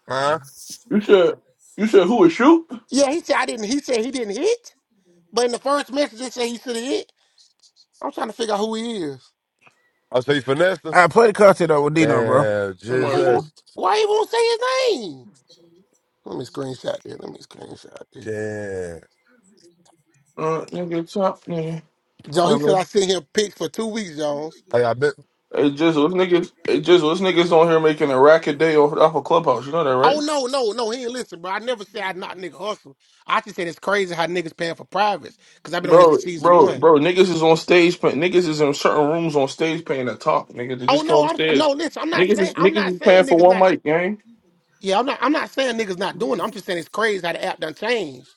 D: Huh?
E: mm.
M: you said you said who would shoot? I
K: Yeah, he said I didn't he said he didn't hit. But in the first message it said he should have hit. I'm trying to figure out who he is.
D: I say you finessed him.
B: I play the content though with Dino, bro.
D: Damn,
M: don't
K: Why he won't?
D: Jesus.
M: understand.
K: Why he won't say his name? Let me screenshot this. Let me screenshot this.
D: Damn.
M: Uh, nigga, top nigga.
K: Joe,
M: I
K: he said I
M: mean,
K: sent him pics for two weeks, Jones.
D: Hey, I bet.
M: hey Jizzle, this niggas, hey Jizzle, this niggas on here making a racket day off, off of Clubhouse. You know that,
K: Oh
M: right?
K: no, no, no, he ain't listen, bro. I never said I not nigga hustle. I just said it's crazy how niggas paying for privates because I've been on here
M: Bro,
K: since season
M: bro,
K: one.
M: bro, niggas is on stage. pay- Niggas is in certain rooms on stage paying to talk. Nigga, they
K: Oh
M: just come
K: no, I'm
M: upstairs.
K: no listen. I'm not
M: Niggas
K: saying
M: is
K: I'm not
M: niggas is paying
K: saying
M: for
K: niggas
M: one
K: not.
M: mic, gang.
K: Yeah, I'm not. I'm not saying niggas not doing it. I'm just saying it's crazy how the app done changed.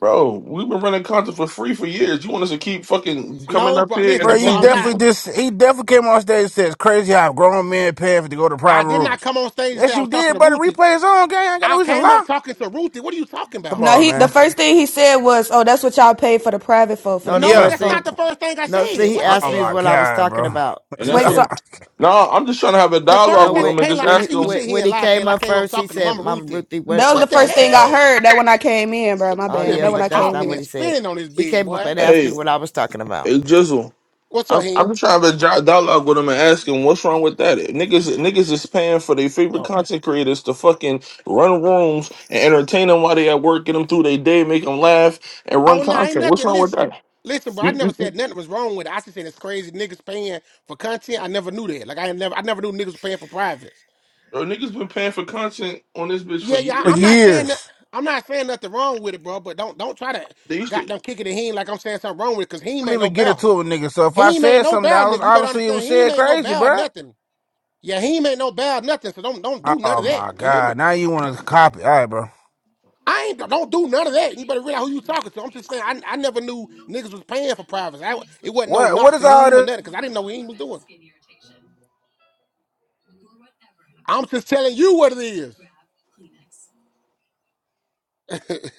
M: Bro, we've been running content for free for years. You want us to keep fucking coming
K: No,
M: up
K: bro,
M: here
B: Bro,
K: listen, bro.
B: you
M: entertaining
K: I'm
B: definitely
K: not.
M: people?
B: just he definitely came on stage and said it's crazy how grown men pay for to go to
K: I
B: private
K: did not
B: rooms.
K: come on stage and say
B: Yes,
K: I was
B: you
K: talking
B: did,
K: to
B: bro. the
K: Ruthie.
B: Replay is on. Gang, I ain't got no
K: I
B: reason to
K: came up
B: lie.
K: talking to Ruthie. What are you talking
B: Come
K: about?
L: No,
B: on,
L: he. The
B: man.
L: first thing he said was, "Oh, that's what y'all paid for the private for for the
G: No, the
K: No,
L: Dino
G: first
B: Yeah.
K: that's
G: thing,
K: not
L: Funk."
K: the first thing I
G: no, see,
K: said.
G: he
K: What the
G: asked
B: Oh
G: me is
B: my
G: what
K: hell?
G: I was
B: god,
G: talking
B: bro.
G: about.
M: And
G: He
M: that's
L: Wait,
M: what.
G: said,
L: so
M: I'm... Nah, I'm just trying to have a
K: The
M: dialogue
G: No,
K: first
M: with
K: thing,
G: when
M: them and just
K: Kayla,
G: when
K: how
G: he
M: ask
K: can you
M: them.
G: when,
K: sit here
G: when
K: and
G: he
K: lie,
G: came
K: Kayla? I
G: up
K: came up
G: first, he
K: talking to
G: said,
K: Mama
G: "Mama
K: Ruthie.
G: Ruthie, what
L: that was the
K: What the
L: first
G: what you
L: thing
G: talking
L: I
G: about?"
K: hell?
L: heard. That when I came in, bro. My
K: I
G: Oh
L: bad.
K: should
G: yeah,
L: That
K: be
L: when
G: but
L: I
G: that's
L: came
G: not
K: talking
G: what
L: in.
K: and
G: he said.
K: spinning on this
G: He
K: bitch,
G: came up
K: boy.
G: and asked me
M: hey,
G: what I was talking about.
M: Hey Jizzle,
K: What's up,
M: I'm, I'm
K: he?
M: just trying to have a dialogue with him and ask him what's wrong with that. Niggas, niggas is paying for their favorite
K: Oh,
M: content creators to fucking run rooms and entertain them while they at work, get them through their day, make them laugh, and
K: oh
M: run
K: no, ain't
M: content. What's
K: nothing.
M: wrong with
K: Listen,
M: that?
K: listen, bro. I
M: We-
K: never
M: we- we-
K: said nothing was wrong with it. I just said it's crazy niggas paying for content. I never knew that. Like I ain't never, I never knew niggas paying for privates.
M: Bro, niggas been paying for content on this bitch for
K: Yeah, yeah.
B: for
K: I, I'm
M: years.
K: not saying that.
B: years.
K: I'm not saying nothing wrong with it, bro. But don't, don't try to
M: They used to.
K: goddamn kick it in him like I'm saying something wrong with it, cause he ain't
B: I did
K: make
B: not
K: no
B: even get it
K: better.
B: to a nigga. So if
K: He
B: I
K: ain't made
B: said
K: no
B: something,
K: bow,
B: I was
K: nigga. You better
B: obviously it
K: understand.
B: was
K: He ain't
B: said
K: made no
B: crazy,
K: bow,
B: bro.
K: nothing. Yeah, he ain't made no bow, nothing. So don't don't do none
B: Oh
K: of that.
B: my
K: You hear me?
B: god! Now you want to copy? All right, bro.
K: I ain't don't do none of that. You better realize who you talking to. I'm just saying. I, I never knew niggas was paying for privacy. I, it wasn't no
B: What what
K: knock
B: is
K: to
B: all
K: him or
B: this
K: nothing because I didn't know what he was doing. I'm just telling you what it is.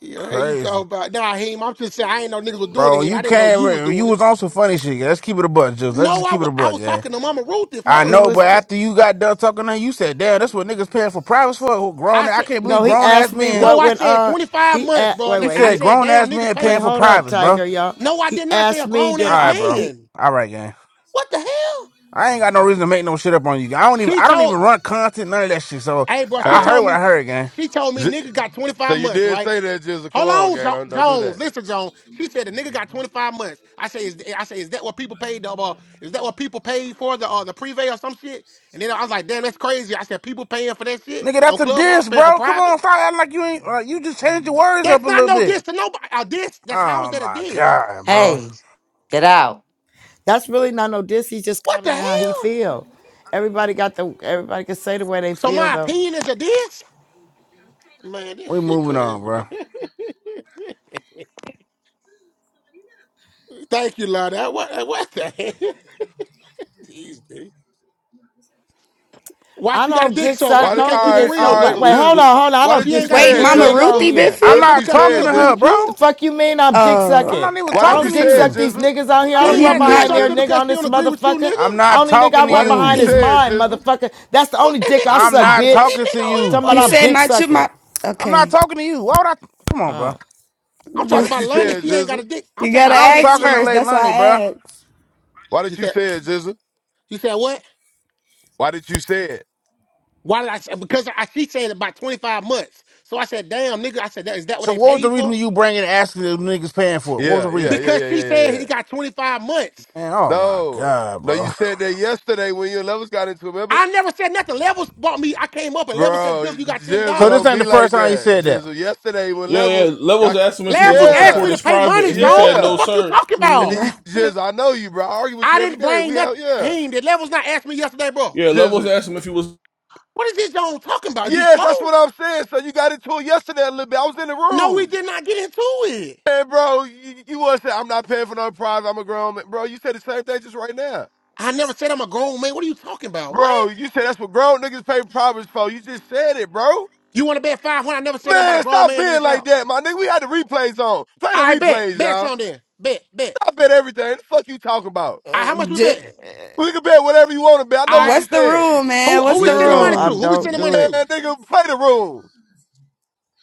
K: yeah, hey, you talking
B: crazy,
K: about nah, him? I'm just saying. I ain't know niggas was doing it.
B: bro?
K: Him.
B: You
K: I didn't know you was
B: came, you
K: doing it.
B: was on some funny shit. yeah. Let's keep it a buck, juice. let's
K: No,
B: just
K: I,
B: keep it
K: wa-
B: a
K: I
B: buck,
K: was
B: yeah.
K: talking to Mama Ruthie
B: I
G: He
B: know,
K: first,
G: was
B: but
K: bro.
G: t-
B: after you got done talking to her, you said, damn, that's what niggas paying for privates for. who Grown,
K: I
B: I
K: said
B: can't believe
G: no, he
B: grown ass
G: asked me
B: men.
K: no.
G: what
K: I
G: went
K: said
G: on.
K: 25
G: he
K: months,
G: a-
K: bro.
G: wait
K: And
B: You
G: wait
K: I
G: he
B: said
K: said,
B: grown
K: damn,
B: ass
K: niggas
B: men
K: pay.
G: wait
B: paying for
G: hold up
B: privates, bro. All
G: Tiger y'all.
K: No, I
G: He
K: did not say
G: asked
K: a
G: me
K: grown
G: did
K: ass
G: I
B: right, bro.
G: he
K: man.
B: All right, gang.
K: What the hell?
B: I ain't got no reason to make no shit up on you. I don't even,
K: She
B: I don't
K: told,
B: even run content, none of that shit. So
K: hey, bro, she
B: I heard
K: told
D: Hey.
B: what
K: me,
B: I heard, gang.
K: she told me nigga got
D: So
K: 25
D: you
K: months,
D: did
K: right?
D: say that, Jizzle. Come
K: Hold
D: on,
K: on,
D: gang. Don't,
K: jo-
D: don't do
K: Jones.
D: that.
K: Listen, Jones. She said the nigga got 25 months. I say, is, I say, is that what people paid? The, uh, is that what people paid for the uh, the prevay or some shit? And then I was like, damn, that's crazy. I said, people paying for that shit
B: Nigga,
K: on
B: that's a
K: Clubhouse,
B: diss,
K: paying for
B: bro. Come on,
K: privates.
B: stop acting like you ain't, like you just changed your words up
K: That's
B: a
K: not
B: little
K: no
B: bit.
K: diss to nobody. A diss? That how is
B: Oh
K: that a
B: my
K: diss?
B: god, bro.
E: Hey, get out.
G: that's really not no diss. He's just
K: What the
G: commenting
K: hell?
G: how he feel. Everybody got the everybody can say the way they
K: So
G: feel
K: my
G: though.
K: opinion is a diss? Man, this
B: We
K: shit
B: moving on,
K: crazy,
B: bro.
K: man. Thank you, Lana. What, what the hell? These niggas. Why
G: I
K: she got a
G: don't
K: dick
G: diss
K: so?
G: out
K: Why
D: Why
K: she
D: did,
G: no
K: can't keep it
D: all right,
G: against
K: real,
M: who-
D: all
G: nobody.
D: right,
K: nigga?
G: Wait,
M: who-
G: hold
D: Jizzle.
M: who-
G: on, hold on. I
D: Why
G: don't
D: did
K: She
D: you
K: ain't
G: diss
K: got a
G: nothing
L: Wait,
D: say it,
K: dick
G: there,
L: Mama
K: so,
G: nigga
D: Jizzle?
G: on
K: nigga.
L: Ruthie,
G: here.
L: Biffy.
D: Why
B: I'm
D: did
K: Just
D: you
B: not
K: because she
D: say
K: don't
B: talking
D: it,
B: to
K: agree
B: her,
D: Jizzle?
K: with
G: The
K: you?
B: bro.
G: fuck you mean I'm dick
L: Uh,
B: I'm
G: sucking?
B: not even
D: Why
G: I
D: did you
G: don't
B: talking to
G: dick
D: say it,
G: suck
B: you.
G: these
D: Jizzle?
G: niggas out here.
K: She
G: I
D: Why
G: don't
D: did
K: ain't
L: he
D: you
G: run
K: got a
D: say
K: dick
L: not.
D: it,
G: behind
K: so
G: their
K: just
D: Jizzle?
G: nigga
K: because
G: on
K: she don't
G: this
K: agree with you,
G: motherfucker.
B: I'm
K: nigga?
B: not
G: Only nigga I
B: talking to
D: Why
G: run
D: did you
B: you.
G: behind is
D: say it,
G: mine,
D: Jizzle?
G: motherfucker. That's the only
K: Fuck this
G: dick
K: nigga
G: I
K: be
B: I'm
G: suck,
B: not
K: talking about. This
G: bitch.
B: talking to
K: nigga over here,
B: you.
G: Talking
K: boy,
G: about
L: He
K: be
G: I'm
L: said
G: dick
K: some.
L: not you, my.
G: sucking.
B: I'm not
L: Okay.
B: talking to you. Why would I? Come on, bro.
G: Uh.
K: I'm
D: Why
K: talking
L: you
D: did
K: about
D: you say
K: Lana.
D: it,
K: She ain't got a
D: Jizzle?
K: dick. I'm talking
L: gotta
K: about
B: I'm
K: Lana.
L: ask
K: She
B: talking to
K: ain't.
L: first. That's why
B: Leilani, bro.
L: I asked.
D: Why
K: You
D: did you
K: said,
D: say it, Jizzle?
K: you said what?
D: Why did you say it?
K: Why did I say? Because I, she said about 25 months. So I said, damn, nigga. I said, that, is that what
B: So
K: they
B: what was the
K: paid
B: reason
K: for?
B: you bringing and asking the niggas paying for it? What was
D: Yeah,
B: the
D: yeah,
B: reason?
D: yeah,
K: Because
D: yeah,
K: she
D: yeah, yeah,
K: said he
D: yeah.
K: got 25 months.
B: Man, oh my
D: No,
B: god,
D: no, you
B: bro.
D: said that yesterday when you and Levels got into it, remember?
K: I never said nothing. Levels bought me. I came up and Levels said, Jill,
D: Bro,
K: you got $10.
D: Jizzle
B: So this
D: don't
B: ain't
D: be
B: the first
D: like
B: time you
D: that.
B: said that.
D: Jizzle, yesterday when
M: Yeah,
D: Levels,
M: yeah.
D: y'all,
M: Levels asked him if he was
K: Levels
M: gonna
K: asked me
M: support
D: yeah,
K: to
M: his
K: pay
M: private,
K: money,
M: and he
K: John.
M: said
K: What the
M: no,
D: yeah.
K: fuck you
M: sir.
K: talking
D: And then
K: about?
L: Nah.
D: you, Jizz, I know you, bro. I argue with
K: I
D: you every
K: didn't
D: day.
K: bring
D: We have,
K: nothing.
D: yeah.
K: He did. Levels not asked me yesterday, bro.
M: Yeah, Levels
D: Jizz,
M: asked him if he was.
K: What is this John talking about? You
D: yes, that's
K: slow?
D: what I'm saying. So you got into it yesterday a little bit. I was in the
K: No, we
D: room.
K: did not get into it.
D: Man, bro, you, you was saying, I'm not paying for no prize. I'm a grown man. Bro, you said the same thing just right now.
K: I never said I'm a grown man. What are you talking about? What?
D: Bro, you said that's what grown niggas pay privates for. You just said it, bro.
K: You want to bet 500? I never said I'm about a
D: Man,
K: grown
D: stop
K: man in
D: being
K: this
D: like
K: house.
D: that, my nigga. We had the replays on. Play the
K: I bet.
D: replays,
K: Bet
D: y'all.
K: something. Bet. Bet.
D: I bet everything. The fuck you talking about?
K: All right,
L: Uh,
K: how much we
L: ju-
K: bet?
D: We can bet whatever you want to bet. I know
K: All
D: what
K: right.
D: you
L: What's the
D: said.
L: room,
K: Who,
L: man?
K: who
L: What's
K: we
L: the
K: send the
G: Jizzle,
K: money
G: I
K: to?
L: room?
K: Who we
G: don't
K: send the
G: do
K: money
D: Man,
G: it.
K: to?
D: nigga, play the room.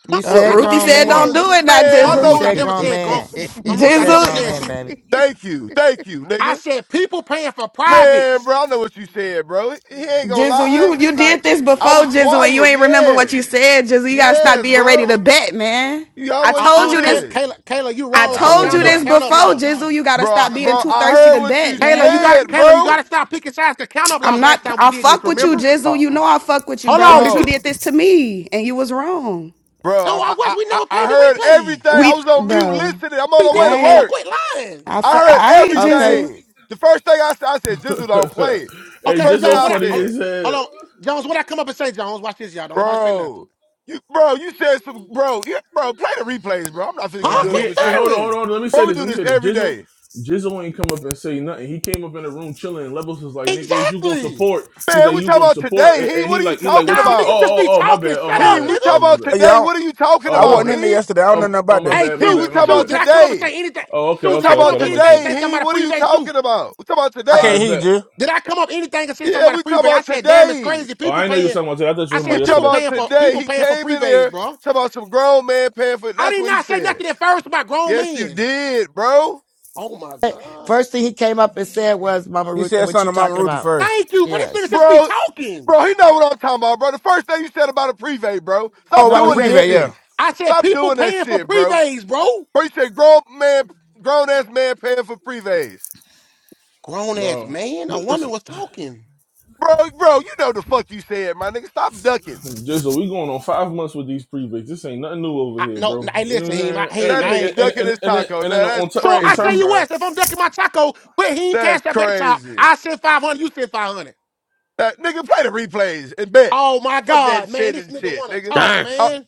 G: You
K: Mama
L: Uh,
K: Ruth, I
G: said
K: never
L: Ruthie
G: grown
K: said
L: said, "Don't
G: man.
K: grown.
L: do
K: ma-
L: it, now,
D: Man, I
K: Mama
G: You
D: know
L: Jizzle.
K: Ruth, I
D: what
G: said
D: you
K: never
G: grown
K: said grown.
G: man.
K: Mama
G: You
K: Ruth, I
G: said
K: never
G: grown
K: said.
G: man,
L: Jizzle,
G: baby.
D: Thank you. Thank you,
K: I
D: nigga.
K: said people paying for
D: Man,
K: privates.
D: bro, I know what you said, bro. He ain't gonna
L: Jizzle,
D: lie. I
L: you
D: ain't-
L: you
D: Like,
L: did this
D: I
L: before,
D: was
L: Jizzle, and you
D: quiet.
L: ain't remember what
D: Yes.
L: you said, Jizzle. You gotta stop
D: Yes,
L: being ready to
D: bro.
L: bet, man.
D: You
L: I
D: always
K: Uh,
L: told
D: do
K: um,
L: you
K: Kay-
L: this.
D: this.
K: Kayla, Kayla, you
L: I
B: yeah,
K: wrong
B: I
K: because
L: told
B: won't
L: you
K: count up,
B: bet.
L: this
K: count up
L: before,
K: lost.
L: Jizzle. You gotta
D: Bro,
L: stop
D: I-
L: being
D: bro,
L: too
D: I
L: thirsty
D: heard
L: to
D: what
L: bet,
D: you
K: Kayla, you got to
L: man.
D: said,
K: Kayla, you got
D: bro.
K: to stop picking sides because count up
L: I'm
K: lost last
L: not.
K: time we
L: I
K: did this.
L: fuck with you,
K: Remember?
L: Jizzle.
D: Uh,
L: You know I fuck with you,
K: Hold
L: bro.
K: on,
L: But
K: did
L: you
K: you?
D: Bro,
L: did this to me, and you was wrong.
D: bro,
K: No, I
D: I,
K: was.
D: I,
K: We
D: I,
K: never
D: I
K: paid the
D: heard
K: replays.
D: everything. I
L: We,
D: was on mute
L: bro.
D: listening. I'm on
K: We
D: the way
K: did
D: to
K: it. Kayla,
L: I,
D: work.
K: quit lying.
L: I fuck.
D: I heard
L: I,
G: Okay.
L: Jizzle.
D: everything. The first thing I said, I said, Jizzle don't play it.
M: hey,
K: Okay, so
D: First
M: just
D: thing
M: so
K: John,
D: I
K: what I
M: funny
K: hold
D: said.
M: is
K: hold
M: hell.
K: on, Jones, what I come up and say, Jones, watch this, y'all. Don't nobody say nothing.
D: Bro, you bro, you said some bro, yeah, bro, play the replays, bro. I'm not finna keep
M: Nah,
K: Huh?
D: doing this
K: Quit
M: he.
D: with
M: Hey,
D: you.
M: hold on, hold
K: stuttering.
M: on. Let me say
D: Bro, we
M: this.
D: do
M: Let me
D: this
M: say this.
D: every
M: Jizzle,
D: day.
M: Jizzle ain't come up and say nothing. He came up in the room chilling. And Levels was like, "Nigga, is you gonna
K: Exactly.
M: support?" He's
D: Man,
M: like,
D: we
M: "You
D: talking
M: gonna
D: about
M: support?"
D: today,
M: And,
D: he
M: and he
D: what are you
M: like, he like,
D: talking
M: "What
K: No,
M: you? Oh,
K: nigga,
D: about?
K: just
M: oh,
K: be
M: oh, my
K: talking.
M: bad. Oh,
K: Shut
M: my
D: He,
K: up,
D: we
M: bad. Oh,
K: nigga.
D: talking
M: my
D: about
M: bad.
B: Hey,
D: today,
B: Y'all,
D: what are you talking
M: Oh,
B: I
M: my
D: about?
B: wasn't
M: bad.
B: in there
D: He,
B: yesterday. I don't know
M: Um,
B: nothing
M: oh,
B: about
M: my
B: that.
K: Hey,
M: bad. My
D: he,
K: Sue,
D: we
M: bad.
D: talking
M: My
K: Sue,
D: about
M: bad.
K: did I come up and
D: today.
K: say anything?
M: Oh, okay,
D: We
K: Sue, did
M: okay,
K: I
D: talking
K: come
D: about
M: okay.
K: up
M: That makes
K: anything and
D: today,
K: say
M: sense.
D: he,
K: somebody
D: what are you
K: prevay,
M: I,
K: Sue?
D: talking about? We talking about
B: I can't
M: I
D: today.
B: hear you,
M: bet.
B: Jill.
K: Did I come up anything and say
D: Yeah,
K: somebody
D: we talking
K: prevay? I
D: about
K: said, damn, it's
D: today.
K: crazy.
M: Oh,
K: People
M: I didn't know you were
K: paying.
M: talking about today. I thought you
K: I
M: were talking
D: We
K: said,
M: about
D: talking
K: people
M: yesterday,
D: about
K: paying for
D: today.
K: people
D: He
K: paying for
D: came in
K: prevays,
D: here
K: bro.
D: talking about some grown man paying for
K: I
D: that's
K: did
D: what he
K: not say
D: said.
K: nothing at first about grown
D: Yes, you
K: men.
D: did, bro.
K: Oh my God.
G: First thing he came up and said was, Mama
B: He
G: Ruth,
B: said
G: what you
B: something to Mama
G: talking
B: Ruthie
G: about?
B: first.
K: Thank you, but this nigga
G: Yes.
K: just be
D: Bro,
K: talking.
D: Bro, he know what I'm talking about, bro. The first thing you said about a prevay, bro.
B: Oh,
D: Stop
B: about
G: No,
B: the
D: doing
G: he
D: that
B: prevent, yeah.
G: didn't.
D: shit.
K: I said,
D: Stop
K: people
D: doing that
K: paying for
D: shit, bro.
K: prevays, bro.
D: Bro, you said grown man, grown ass man paying for prevays.
K: Grown ass
M: bro.
K: man. A woman
M: Listen,
K: was talking.
D: Bro, bro, you know the fuck you said, my nigga. Stop ducking.
M: Jizzle, we going on five months with these previews. This ain't nothing new over
K: I,
M: here,
K: no, no,
M: bro.
K: hey,
M: You know
K: listen,
M: what
K: Heem, I,
M: I'm saying? And
K: Heem,
D: That
K: I
M: and
K: ain't
D: nigga
M: and and,
D: ducking
M: and,
D: his
M: then
D: taco.
M: and then
D: Now that's
M: on t-
K: So
M: in
K: I
D: crazy,
K: tell
M: terms
K: you
D: bro.
K: what, if I'm ducking my taco, put Heem
D: That's
K: Cash up at the top.
D: crazy.
K: I send 500, you send 500.
D: That nigga play the replays and bet.
K: Oh my
D: Fuck that
K: God, man,
D: shit
K: this
D: and
K: nigga
D: shit,
K: wanna
D: nigga.
K: talk,
N: Damn.
D: Uh,
K: man.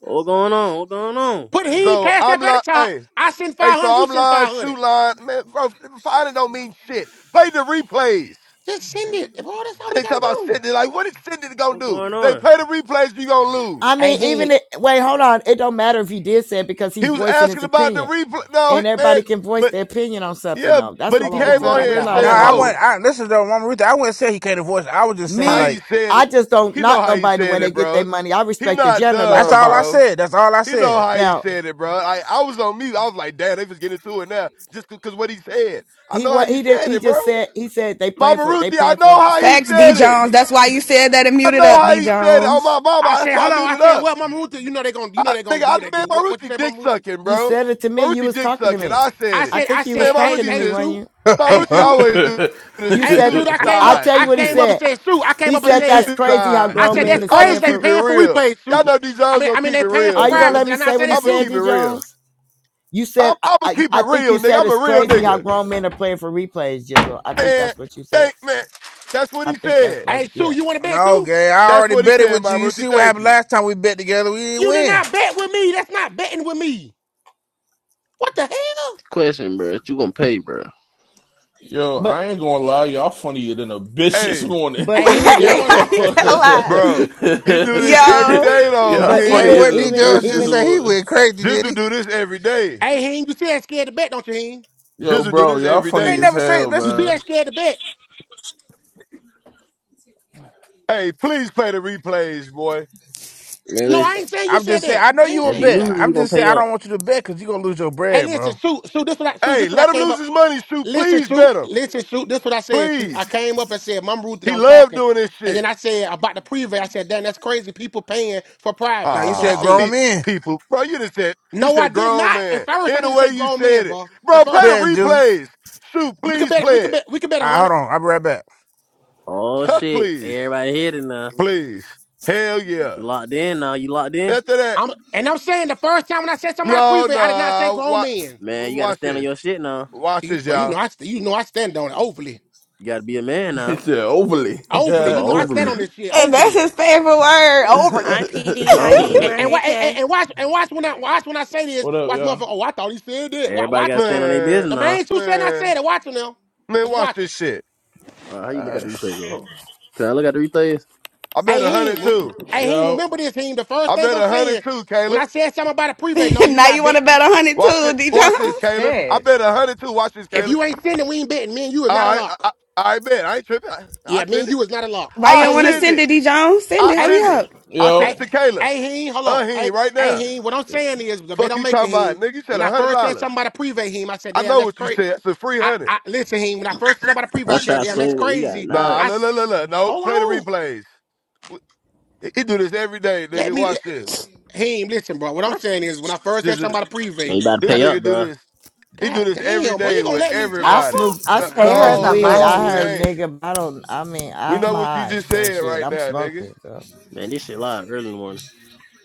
N: What's going on? What's going on?
K: Put Heem
D: so
K: Cash
D: I'm
K: up at the
D: like,
K: top.
D: hey,
K: I send
D: hey, so
K: 500, you
D: I'm
K: send
D: lying,
K: 500.
D: shoot line, man, bro. Fighting don't mean shit. Play the replays.
K: Just send it. Bro, that's all we
D: They talk
K: gotta
D: about
K: do.
D: Sydney. Like, what is Sydney gonna
N: What's
D: do?
N: going
D: They
N: on?
D: play the replays, you gonna lose.
G: I
K: Hey,
G: mean,
K: Heem,
G: even it, wait, hold on. It don't matter if he did say it because he's
D: He was
G: voicing his
D: asking about the
G: opinion,
D: replay. No, he-
G: and
D: man,
G: everybody can voice
D: but
G: their opinion on something.
D: yeah,
G: Though that's
D: but
G: what
D: he
K: hold on,
G: people
D: came
K: Mama
G: fail
K: Ruth.
D: on
G: to
K: I
D: here and
K: got, hold
B: No,
G: realize
D: said,
K: on,
B: I
K: Mama
G: around
D: "Oh,
B: went.
G: here.
K: Ruth.
B: I listen though, Mama Ruthie. I wouldn't say he can't divorce. I was just saying
D: how
G: Me,
D: he
B: like
D: said
G: I
D: it.
G: just don't
D: He
G: knock
D: know how he
G: nobody the way
D: said
G: they
D: it,
G: get their
D: bro.
G: money. I
D: He
G: respect the
D: not
G: janitor like
B: that's
G: a
D: dumb,
B: all I
G: boss.
D: bro.
B: said. That's all I
D: He
B: said.
D: know how he
G: Now,
D: said it, bro. I I was on mute. I was like, damn, they just getting to it now, just because what he said. I
G: he
D: know how
G: what
D: you
G: he did.
D: said
G: He
D: it, bro.
G: just said he said they paying
D: Mama
G: for they
D: Ruthie, I
G: paying for.
D: know how he
L: Facts, D
D: said it.
L: Jones. That's why you said that and
D: I
L: muted
D: know
L: up,
D: how
L: D
D: he said it. Oh
L: Jones.
D: my
K: I
D: mama, that's
K: said,
D: why I
K: hold on. I
D: muted
K: said,
D: up.
K: well, Mama Ruth, you know they gonna, you know
D: I,
K: they
D: nigga,
K: gonna do
D: I,
K: what they
D: man,
K: do. What, what you
D: Marucci
K: say,
D: dick
K: Mama Ruth?
D: sucking,
G: You
D: bro.
G: said it to me. You
D: Marucci
G: was
D: dick
G: talking to
D: sucking.
G: me.
D: I
K: I
D: said
G: I
D: it.
K: said, I
G: think you was
D: Man,
K: said, hey,
G: talking to
D: Marucci
K: hey,
G: me
D: just,
G: weren't
K: Sue,
G: you
K: hey,
D: Marucci
K: Sue,
D: always do
M: Yo,
D: this.
G: you
D: She
K: hey,
G: said.
D: choose
K: Sue, I came
G: I will
K: up,
D: sides
G: tell
K: I
G: you
D: and
G: what he
K: came
D: shit.
K: up and
G: said.
K: said, Sue, I came
G: He
K: up and
D: She
G: said
K: said,
G: that's
D: choose
G: crazy how
D: sides.
K: I
G: grown
K: said
G: men
K: that's
G: is
D: I'ma
K: crazy.
G: playing
K: They
D: keep
G: for.
D: it
K: paying for
D: real.
K: replays, Sue.
D: Y'all know these
K: I
D: girls
K: mean,
D: gonna
K: I mean
D: keep
K: they
D: it
K: paying for
G: Are
D: real,
G: you gonna
D: nigga.
K: privates.
G: let
K: Did
G: me
K: I not
G: say
K: say
G: what he
K: that,
D: I'ma
K: Sue?
G: said,
D: keep
G: D
D: it real.
G: Jones? You said
D: I'm,
G: I,
D: I'ma
G: I,
D: keep it
G: I think
D: real,
G: you
D: nigga.
G: said
D: I'm a
G: it's
D: real
G: crazy how
D: nigga.
G: grown men are playing for replays,
D: I,
G: Jizzle. I think
D: man,
G: that's what you said.
D: thank, man. That's what
G: I
D: he
G: think that's
D: said.
G: what
K: Hey, Sue,
G: yeah.
K: you want to bet
B: no,
K: too?
B: gay. I
D: That's
B: already
D: what he
B: betted
D: said,
B: with you. You
D: Marucci.
B: see what
D: Thank
B: happened
D: you.
B: last time we bet together? We didn't
K: You did
B: win.
K: not bet with me. That's not betting with me. What the hell?
N: Question, bro. You gonna pay, bro?
G: But
M: I ain't gonna lie, y'all funnier than a bitch this
D: Hey,
M: morning.
G: but
K: Hey, Heen,
G: even
K: they
M: Yo,
K: don't want to.
L: I ain't gonna lie.
D: bro.
G: it-
D: He do this every
L: Yo,
D: day, though,
M: y'all
G: but
D: he.
B: hey,
G: even
M: funnier
B: what
M: than
B: D
M: a
G: even
B: Jones
M: bitch this
B: just
G: even
B: say? He
M: morning.
B: went crazy, did
D: Jizzle
B: he?
D: do this every day.
K: See- hey, Heen, you see that scared to bet, don't you, Heen?
M: Yo,
D: Jizzle do
M: bro,
D: this
M: y'all
D: every
B: I
M: funny
B: ain't
D: day.
M: as
B: never say.
M: hell,
K: You see
B: Listen,
M: man.
K: that scared to bet?
D: Hey, please play the replays, boy.
N: Man,
K: No, I
N: listen.
K: ain't saying you
B: I'm
K: said
B: just saying.
K: that.
B: I know
K: I
B: you
K: ain't
B: a
N: If
K: saying
N: he
K: you said
B: bet.
N: loses,
K: that.
B: I'm
N: you gonna
B: just saying.
N: pay
B: I
N: up.
B: don't want you to bet because you gonna lose your
K: Hey,
B: bread,
K: listen,
B: bro.
K: Sue, Sue, this what I, Sue,
D: Hey,
K: this what I
D: let him
K: came
D: lose
K: up.
D: his money, shoot.
K: Listen,
D: Please
K: Sue,
D: bet him.
K: listen, Sue, this what I said, Sue.
D: Please.
K: I came up and said, Mom Ruth, and I
D: He
K: was
D: loved
K: talking.
D: doing this
K: And then
D: shit.
K: I said about the preview, I said, damn, that's crazy. People paying for
B: Now
K: privates.
B: you
K: That's what I
B: said
D: Ah, pe-
B: grown
K: said.
B: men.
D: people. Bro, you just said, you
K: No, I
D: said
K: did
D: grown
K: not. At
D: man.
K: first, I
D: In the
K: didn't
D: way
K: say
D: you
K: grown men,
D: said it.
K: bro. The
D: Bro,
K: first
D: play the
B: Ben, just.
D: replays. Shoot,
K: we could
D: please
K: bet,
D: play
K: we could
D: it.
K: bet, we could bet a
B: All right,
K: hundred.
B: hold on. I'll be right back.
N: Oh
K: Uh,
N: shit!
D: please.
N: Everybody hit it now.
D: Please. Hell
N: You
D: yeah.
N: locked in now. You locked in.
D: After that,
K: I'm and I'm saying the first time when I said somebody
D: no,
K: pre-vet, I did not say
D: no.
K: grown
D: Watch,
K: men.
N: Man, you gotta
D: watch
N: stand on
D: this.
N: your shit now.
D: Watch
K: You-
D: this,
K: but you
D: y'all.
K: know, I st- you know I stand on it overly,
N: You gotta be a man now.
M: Right there, overly. what
N: You
K: overly.
N: talking
K: You
N: about
K: know I stand
N: overly,
K: on this shit
L: and that's
K: overly.
L: his favorite word,
J: Hi,
L: overly.
J: PD. Hi,
N: overly.
K: And,
J: Hamer.
K: and,
J: Hey,
K: wa- and, and
J: Kay.
K: and watch and watch when I watch when I say this.
M: up,
K: Watch
M: y'all?
K: motherfucker. Oh, I thought he said that. Watch,
N: Everybody
K: watch
N: gotta
K: him
N: stand
K: now.
N: on their
D: Man,
N: business
K: The
N: now.
K: man who said I
D: man,
K: said it. Watch him now.
D: man,
K: Just
D: watch
K: watch him.
D: this shit.
N: Uh, how you look at
M: Uh,
N: the replays though? Can I look at the replays?
D: I bet a
K: Hey,
D: hundred
K: him.
D: too.
K: Hey, him.
M: Yo,
K: Remember this, him. The first
D: I
K: thing
D: bet
K: I'm
D: a hundred
K: saying
D: too,
K: when
D: Kayla.
K: I said something about a pre-vet, no, you
L: now you
K: not
L: want
K: bet.
L: to bet a hundred
D: Watch
L: too,
D: it.
L: D
D: Watch this,
L: Jones?
D: Kayla. I
E: Shit.
D: bet a hundred too. Watch this,
K: If
D: Kayla.
K: you ain't sending, we ain't betting. Me and you is not a
D: All right. I,
K: lock.
D: I, I bet. I ain't tripping. I, I
K: Yeah, me
D: send
K: and
D: it.
K: you is not a lock.
L: Why you
D: I
L: don't
K: Hey,
L: want to
K: he,
D: send
L: send
D: it.
L: it, D Jones? Send it,
D: I
K: hey,
L: hurry
D: send it.
L: up.
D: I send
K: hey,
D: it
M: yo,
D: to Kayla.
K: hey, he, hold on.
D: Uh, he
K: Hey,
D: ain't right
K: hey,
D: now.
K: he, what I'm saying is the bet
D: Fuck
K: I'm
D: you
K: making,
D: talking about,
K: he,
D: nigga. You said
K: when
D: a
K: I
D: hundred
K: first said
D: dollars.
K: something about a prevay, he, I said,
D: I
K: damn,
D: know
K: that's
D: what you
K: crazy.
D: said. It's a free
K: I,
D: hundred.
K: I, listen, he, when I first said something about a prevay,
N: I
K: I
N: try
K: said,
N: to
K: damn, that's
N: swing what we got
K: crazy.
D: Nah,
N: knowledge.
K: I,
D: la
K: s-
D: la la la. No,
K: hold
D: play the
K: on.
D: replays. W- He he do this every day,
K: Let
D: nigga.
K: me,
D: Watch
K: let,
D: this.
K: he, listen, bro. What I'm saying is when I first
D: Just
K: said something about a
N: Man,
K: prevay,
N: you about to
D: this
K: God,
N: pay up,
D: nigga do
N: bro.
D: this. He
K: God
D: do this every
K: damn, bro, you
D: day
K: gonna
D: with
K: let me
G: I
K: talk, bro?
D: everybody.
G: smoke I
K: Never
D: No,
G: smoke too
E: Pay
K: mind, bro.
E: her
G: much
E: the
D: no,
G: weed.
D: no,
G: I
E: money.
D: we
G: heard
D: ain't.
G: nigga. I don't. I mean
D: We
G: I'm
D: know what you
G: high,
D: just
G: so
D: said
G: shit.
D: right
G: I'm
D: now, nigga.
G: smoking. So.
N: Man, this shit live early in the morning.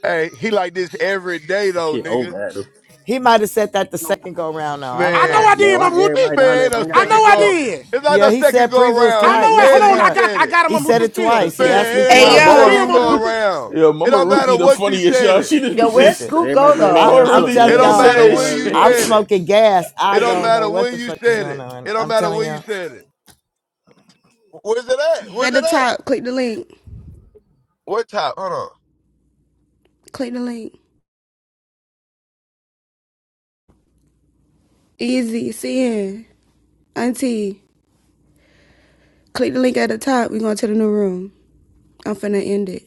D: Hey, he like this every day
N: This
D: though,
N: shit
D: nigga.
N: over at us.
G: He might have said that the second go round though. I
K: I
G: don't
K: know
D: Man,
G: know.
K: I
N: Man,
K: did, my
N: why
K: rookie.
N: everybody down
D: man,
N: there
D: ain't no
N: bring
K: I
N: out
K: know
N: ass
D: second
K: I
D: go.
N: up?
K: did.
D: It's not
G: Yeah,
D: no
G: he
D: second
G: said
D: go
G: previews
D: around.
K: I
D: He
G: twice.
K: know
G: Yes,
K: it.
G: it
D: said it.
K: Hold
D: He
K: on. I
G: was.
K: got
D: said
K: I
D: it.
K: got him
G: He
K: on Ruth.
G: said it
K: Just chill.
G: twice.
K: Just
G: He asked
K: chill.
D: Man,
G: me
D: it ain't
L: Hey
M: yo,
D: no
K: Just
G: twice.
M: mama,
K: chill,
D: second
L: yo,
K: my
D: go
K: Ruth.
D: around.
M: yo,
D: It
M: mama
D: don't
M: Ruthie,
D: matter
M: the
D: what you
M: funniest
D: said
M: y'all.
D: it.
M: She just be
E: Yo, where'd
G: Listen,
M: just,
E: Scoot go
N: Everybody bring
G: I,
N: their
E: though?
M: mama
N: ass
G: I'm
N: up,
M: Ruthie
N: man.
D: It
M: just
G: telling
N: Y'all
M: be
D: don't
N: need to
G: y'all,
D: matter
N: bring
M: saying
N: y'all
D: when you
N: asses
M: shit.
N: up.
G: I'm
D: said it.
G: smoking gas. I
D: It don't
G: don't know
D: matter
G: what the
D: when you
G: fuck is
D: said
G: going
D: it.
G: on.
D: It don't
G: I'm
D: matter
G: telling
D: when you
G: y'all.
D: said it. Where's it at?
L: at
D: Where's
L: the
D: it at?
L: top, click the link.
D: What top? Hold on.
L: Click the link. Easy, CN, Auntie. Click the link at the top. We going to the new room. I'm finna end it.